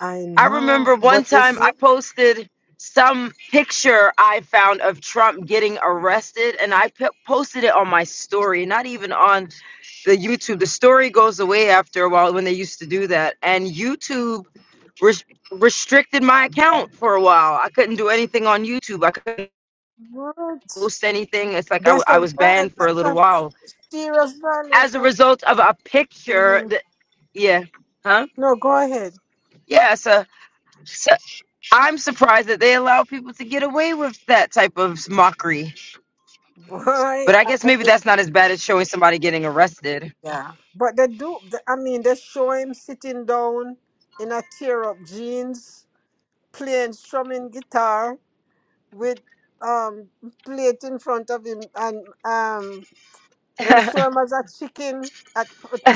Speaker 5: "I
Speaker 3: I
Speaker 5: know,
Speaker 3: remember
Speaker 5: but
Speaker 3: one
Speaker 5: you
Speaker 3: time I
Speaker 5: see,
Speaker 3: posted some picture I found of Trump getting arrested, and I p- posted it on my story, not even on the YouTube. The story goes away after a while when they used to do that. And YouTube res- restricted my account for a while. I couldn't do anything on YouTube, I couldn't
Speaker 5: what?
Speaker 3: post anything. It's like I, w-
Speaker 5: That's a
Speaker 3: I was banned for
Speaker 5: vi-
Speaker 3: a little
Speaker 5: that's
Speaker 3: while
Speaker 5: a serious
Speaker 3: as a
Speaker 5: violation.
Speaker 3: result of a picture
Speaker 5: hmm
Speaker 3: that yeah huh
Speaker 5: No, go ahead.
Speaker 3: yeah so, so i'm surprised that they allow people to get away with that type of mockery
Speaker 5: Boy,
Speaker 3: but i guess maybe that's not as bad as showing somebody getting arrested
Speaker 5: yeah. But they do, they- I mean, they show him sitting down in a tear up jeans, playing strumming guitar. with um plate in front of him and um them show him as a chicken at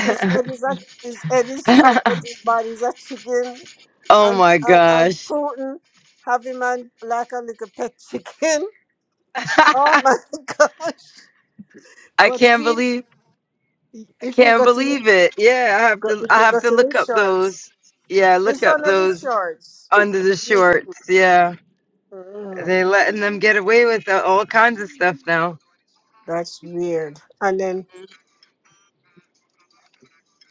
Speaker 5: his head is a his head is Trump, but his body is a chicken
Speaker 3: oh
Speaker 5: and
Speaker 3: my
Speaker 5: and, and
Speaker 3: gosh
Speaker 5: Putin have him and like a little pet chicken. Oh
Speaker 3: i
Speaker 5: my gosh. But
Speaker 3: can't
Speaker 5: see
Speaker 3: believe i
Speaker 5: if you
Speaker 3: can't
Speaker 5: go to the
Speaker 3: believe it yeah i have
Speaker 5: go-
Speaker 3: to
Speaker 5: if
Speaker 3: i
Speaker 5: you
Speaker 3: have
Speaker 5: go
Speaker 3: to
Speaker 5: to the
Speaker 3: look up
Speaker 5: shorts,
Speaker 3: those yeah look
Speaker 5: it's
Speaker 3: up
Speaker 5: under the
Speaker 3: those
Speaker 5: shorts.
Speaker 3: under the shorts yeah
Speaker 5: Mm,
Speaker 3: they're letting them get away with all kinds of stuff now
Speaker 5: that's weird. And then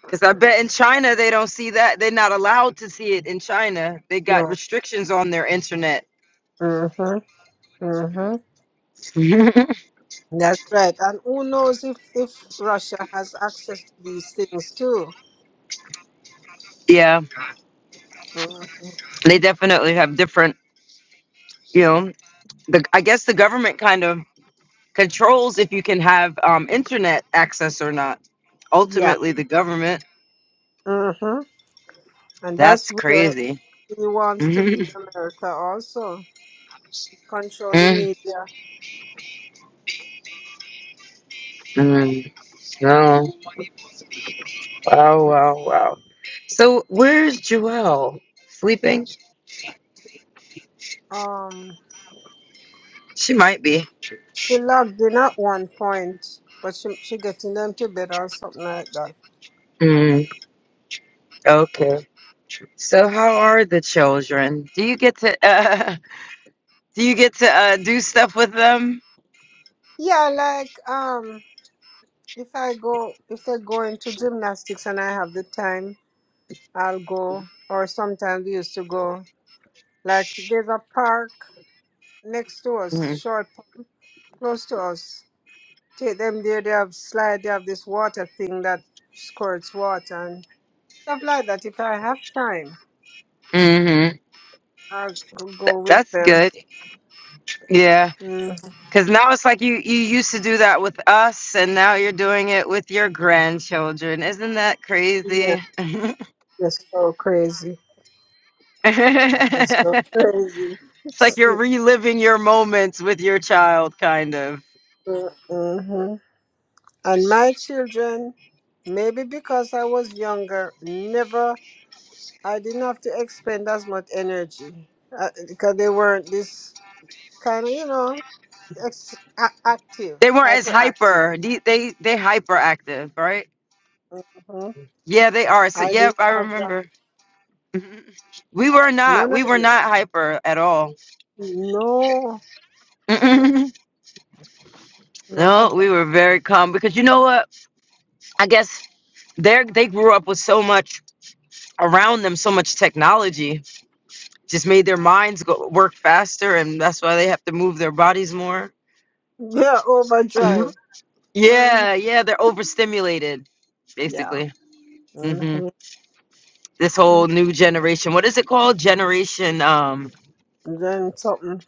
Speaker 3: Because I bet in China they don't see that. They're not allowed to see it in China. They got
Speaker 5: no.
Speaker 3: restrictions on their internet.
Speaker 5: Mm-hmm. mm-hmm.
Speaker 3: yeah,
Speaker 5: That's right. And who knows if, if Russia has access to these things too? Mhm.
Speaker 3: they definitely have different. You know, the I guess the government kind of controls if you can have um, internet access or not.
Speaker 5: Yeah.
Speaker 3: Ultimately, the government.
Speaker 5: hmm And that's
Speaker 3: That's
Speaker 5: where
Speaker 3: crazy.
Speaker 5: he wants to lead America also. Control the media.
Speaker 3: Mm-hmm. No. Wow. Wow. Wow. So where's Joelle? Sleeping?
Speaker 5: Um,
Speaker 3: She might be.
Speaker 5: she logged in at one point, but she she getting them to bed or something like that.
Speaker 3: Mm, okay. So how are the children? Do you get to uh, do you get to uh, do stuff with them?
Speaker 5: Yeah, like um, if I go, if they're going to gymnastics and I have the time, I'll go. Or sometimes we used to go. Like there's a park next to us,
Speaker 3: Mm-hmm.
Speaker 5: short park close to us. Take them there. They have slide. They have this water thing that squirts water and stuff like that. If I have time.
Speaker 3: Th-
Speaker 5: I could go with
Speaker 3: that's
Speaker 5: them.
Speaker 3: good. Yeah,
Speaker 5: Mm,
Speaker 3: because now it's like you you used to do that with us, and now you're doing it with your grandchildren. Isn't that
Speaker 5: yeah,
Speaker 3: crazy?
Speaker 5: it's so crazy.
Speaker 3: it's
Speaker 5: It's so crazy.
Speaker 3: like you're reliving your moments with your child, kind of.
Speaker 5: mm-hmm. And my children, maybe because I was younger, never, I didn't have to expend as much energy uh, because they weren't this kind of, you know, ex- a- active,
Speaker 3: They weren't as
Speaker 5: hyperactive.
Speaker 3: hyper. They they, they hyperactive, right?
Speaker 5: hmm
Speaker 3: Yeah, they are. So
Speaker 5: I
Speaker 3: yep,
Speaker 5: didn't
Speaker 3: I
Speaker 5: have that.
Speaker 3: remember. Mm-hmm. We were not.
Speaker 5: None of
Speaker 3: We were
Speaker 5: you.
Speaker 3: not hyper at all.
Speaker 5: No, mm,
Speaker 3: Mm-mm.
Speaker 5: not at
Speaker 3: No,
Speaker 5: all.
Speaker 3: we were very calm because you know what? I guess they they grew up with so much around them, so much technology, just made their minds go work faster, and that's why they have to move their bodies more.
Speaker 5: Yeah, overdrive. Mhm.
Speaker 3: Yeah, yeah, they're overstimulated,
Speaker 5: Yeah.
Speaker 3: basically.
Speaker 5: Mm-hmm.
Speaker 3: hmm This whole new generation. What is it called? Generation. Um.
Speaker 5: Then something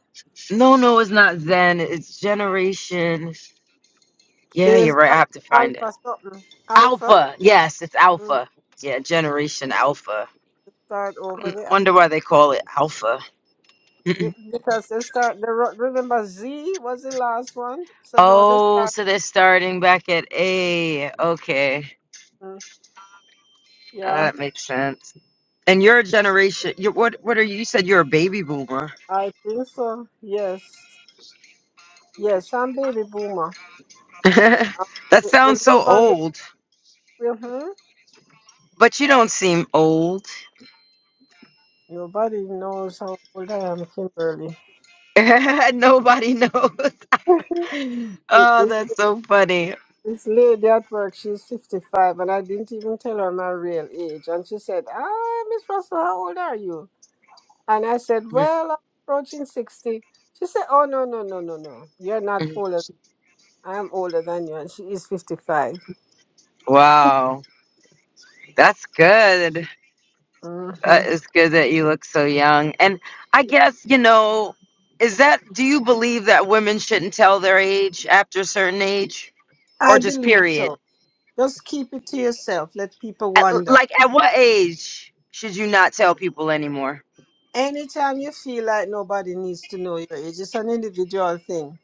Speaker 3: No, no, it's not Zen. It's generation. Yeah, you're
Speaker 5: is
Speaker 3: right. I
Speaker 5: al-
Speaker 3: have to find it.
Speaker 5: alpha something alpha.
Speaker 3: Alpha. Yes, it's
Speaker 5: Mm,
Speaker 3: Alpha. Yeah, Generation Alpha.
Speaker 5: Start over
Speaker 3: I
Speaker 5: there
Speaker 3: wonder why they call it Alpha.
Speaker 5: Be- because they start. The ro- remember Z was the last one, so now they
Speaker 3: Oh,
Speaker 5: start.
Speaker 3: so they're starting back at A. Okay,
Speaker 5: mm,
Speaker 3: Uh,
Speaker 5: Yeah,
Speaker 3: that makes sense. And your generation, you what? What are you? You said you're a baby boomer.
Speaker 5: I think so. Yes, yes, I'm baby boomer. I-
Speaker 3: that
Speaker 5: We we
Speaker 3: sounds so
Speaker 5: live on the.
Speaker 3: old,
Speaker 5: hmm
Speaker 3: but you don't seem old.
Speaker 5: Nobody knows how old I am, Kimberly.
Speaker 3: Nobody knows. Oh,
Speaker 5: This
Speaker 3: that's so funny.
Speaker 5: this lady at work, she's 55, and I didn't even tell her my real age. And she said, Ah, Miss Russell, how old are you? And I said, Well, I'm approaching 60. She said, Oh, no, no, no, no, no. You're not older. I am older than you. And she is 55.
Speaker 3: Wow, that's good. Uh,
Speaker 5: hmm
Speaker 3: it's good that you look so young. And I guess, you know, is that, do you believe that women shouldn't tell their age after a certain age or
Speaker 5: I
Speaker 3: just
Speaker 5: believe so.
Speaker 3: period?
Speaker 5: Just keep it to yourself. Let people
Speaker 3: At,
Speaker 5: wonder.
Speaker 3: like, at what age should you not tell people anymore?
Speaker 5: Anytime you feel like nobody needs to know your age, it's an individual thing.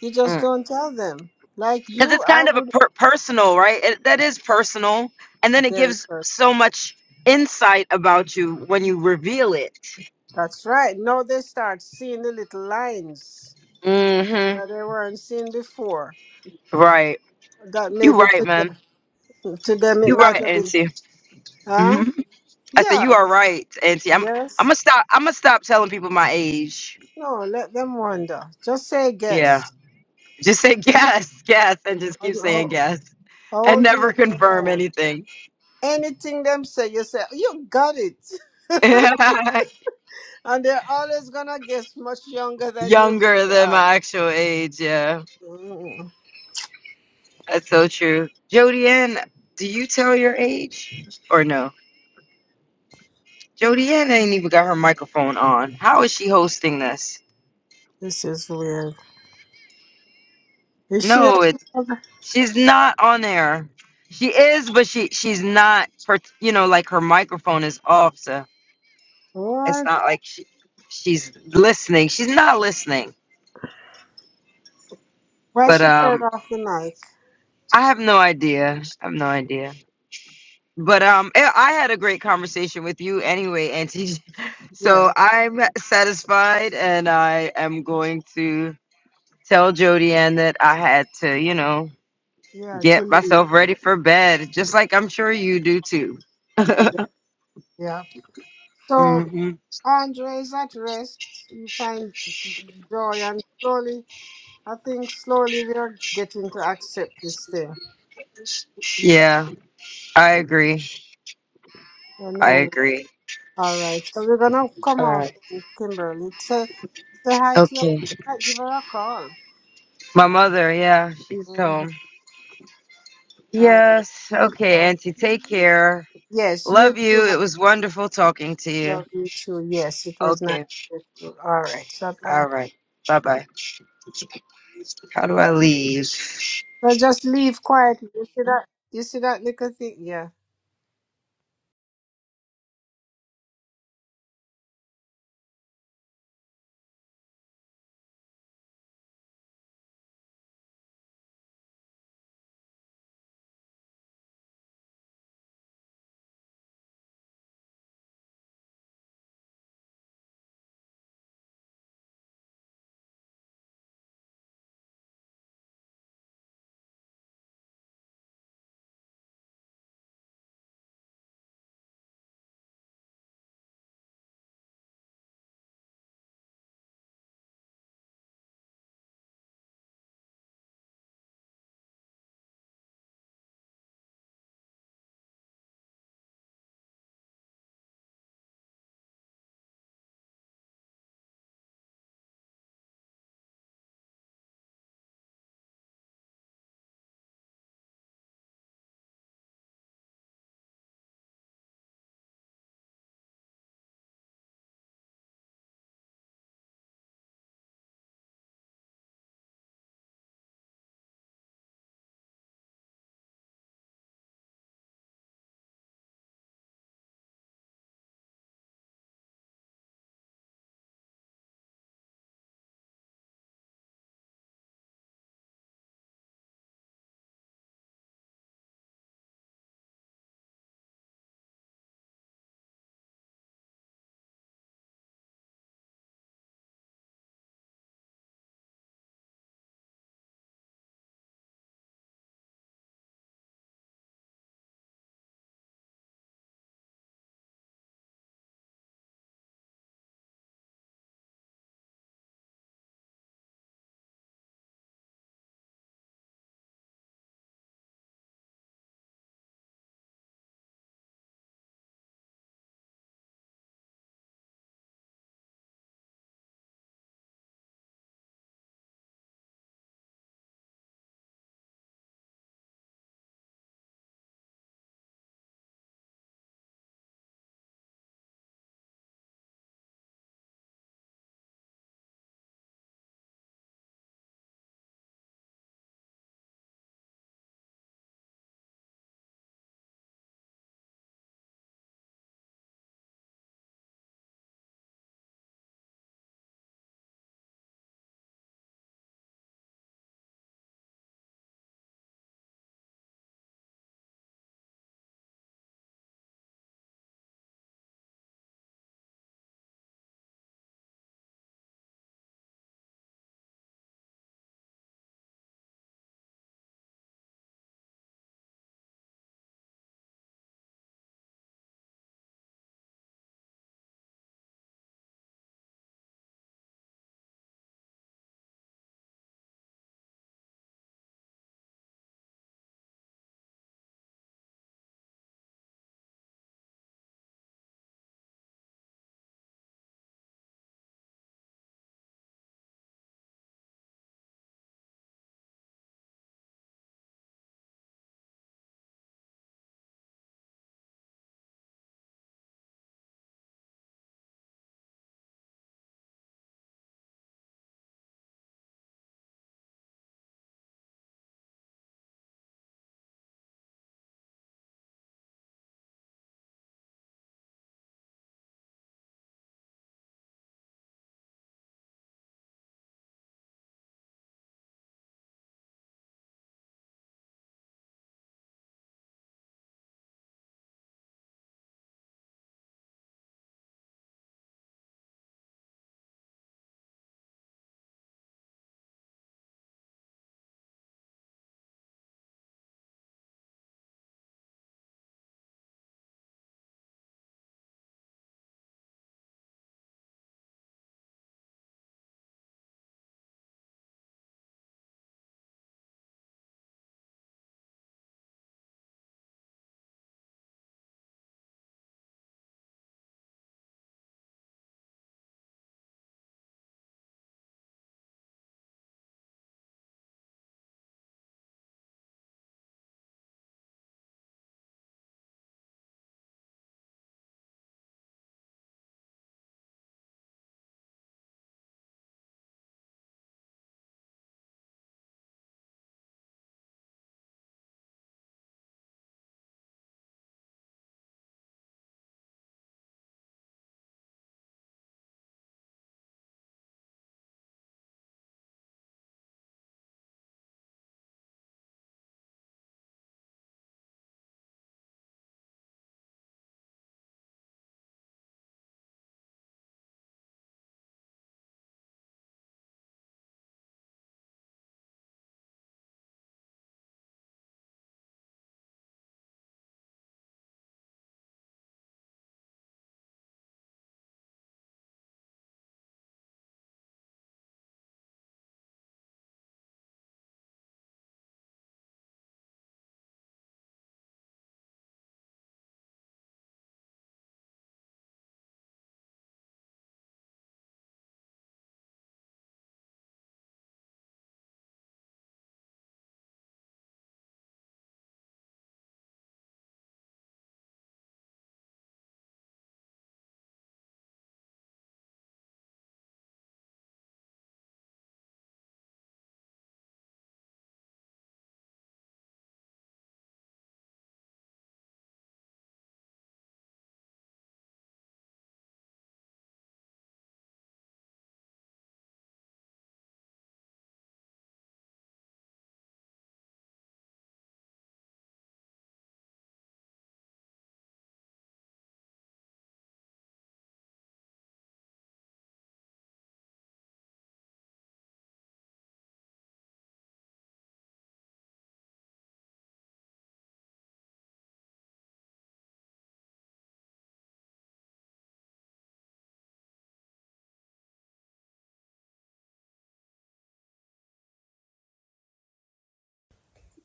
Speaker 5: You just
Speaker 3: Because
Speaker 5: don't tell them. Like you,
Speaker 3: it's
Speaker 5: I
Speaker 3: kind of a
Speaker 5: would.
Speaker 3: per- personal, right? It, that is personal. And then it
Speaker 5: Very
Speaker 3: gives so
Speaker 5: personal.
Speaker 3: much insight about you when you reveal it.
Speaker 5: That's right. Now they start seeing the little lines
Speaker 3: Mm-hmm.
Speaker 5: that they weren't seeing before.
Speaker 3: Right.
Speaker 5: That
Speaker 3: you
Speaker 5: maybe
Speaker 3: right,
Speaker 5: to
Speaker 3: man.
Speaker 5: them, to them it
Speaker 3: you
Speaker 5: might
Speaker 3: right,
Speaker 5: have been
Speaker 3: Auntie.
Speaker 5: Huh?
Speaker 3: I said
Speaker 5: Yeah.
Speaker 3: you are right, Auntie. I'm I'm
Speaker 5: Yes.
Speaker 3: gonna stop. I'm gonna stop telling people my age.
Speaker 5: No, let them wonder. Just say
Speaker 3: Yeah,
Speaker 5: guess.
Speaker 3: just say guess, guess, and just
Speaker 5: How,
Speaker 3: keep saying
Speaker 5: how-
Speaker 3: guess
Speaker 5: how
Speaker 3: and
Speaker 5: old do you
Speaker 3: never
Speaker 5: think
Speaker 3: confirm
Speaker 5: I am?
Speaker 3: anything.
Speaker 5: Anything them say, you say, you got it. And they're always gonna guess much younger than you
Speaker 3: Younger
Speaker 5: really
Speaker 3: than
Speaker 5: are.
Speaker 3: my actual age. Yeah,
Speaker 5: Mm,
Speaker 3: that's so true. Jody Ann, do you tell your age or no? Jody Ann ain't even got her microphone on. How is she hosting this?
Speaker 5: This is weird. Is she
Speaker 3: No, it's she's not on there. She is, but she she's not. per- You know, like her microphone is off. So. It's
Speaker 5: what?
Speaker 3: not like she, she's listening. She's not listening.
Speaker 5: Why
Speaker 3: But
Speaker 5: she turned
Speaker 3: um,
Speaker 5: off the mic?
Speaker 3: I have no idea. I have no idea. But um, I I had a great conversation with you anyway, Auntie. So
Speaker 5: Yeah,
Speaker 3: I'm satisfied, and I am going to tell Jody Ann that I had to, you know,
Speaker 5: yeah, to
Speaker 3: get
Speaker 5: leave.
Speaker 3: myself ready for bed, just like I'm sure you do too.
Speaker 5: Yeah. So
Speaker 3: hmm
Speaker 5: Andre is at rest. He finds joy and slowly I think slowly we are getting to accept this thing.
Speaker 3: Yeah, I
Speaker 5: I
Speaker 3: agree. I
Speaker 5: know.
Speaker 3: agree.
Speaker 5: All right. So we're gonna come
Speaker 3: All
Speaker 5: off,
Speaker 3: right.
Speaker 5: Kimberly. Say, say hi to your.
Speaker 3: Okay.
Speaker 5: might Give her a call.
Speaker 3: My mother, yeah, she's
Speaker 5: Mhm.
Speaker 3: home.
Speaker 5: All right.
Speaker 3: Yes. Okay,
Speaker 5: So,
Speaker 3: Auntie. Take care.
Speaker 5: yes, you
Speaker 3: Love
Speaker 5: too.
Speaker 3: you.
Speaker 5: My
Speaker 3: It was wonderful talking to you.
Speaker 5: love you too. Yes, it was nice.
Speaker 3: Okay.
Speaker 5: to you. All right. So, uh,
Speaker 3: All right. Bye bye. How do I leave?
Speaker 5: so just leave quietly. You see that? You see that little thing? Yeah.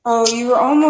Speaker 1: Oh, you were almost.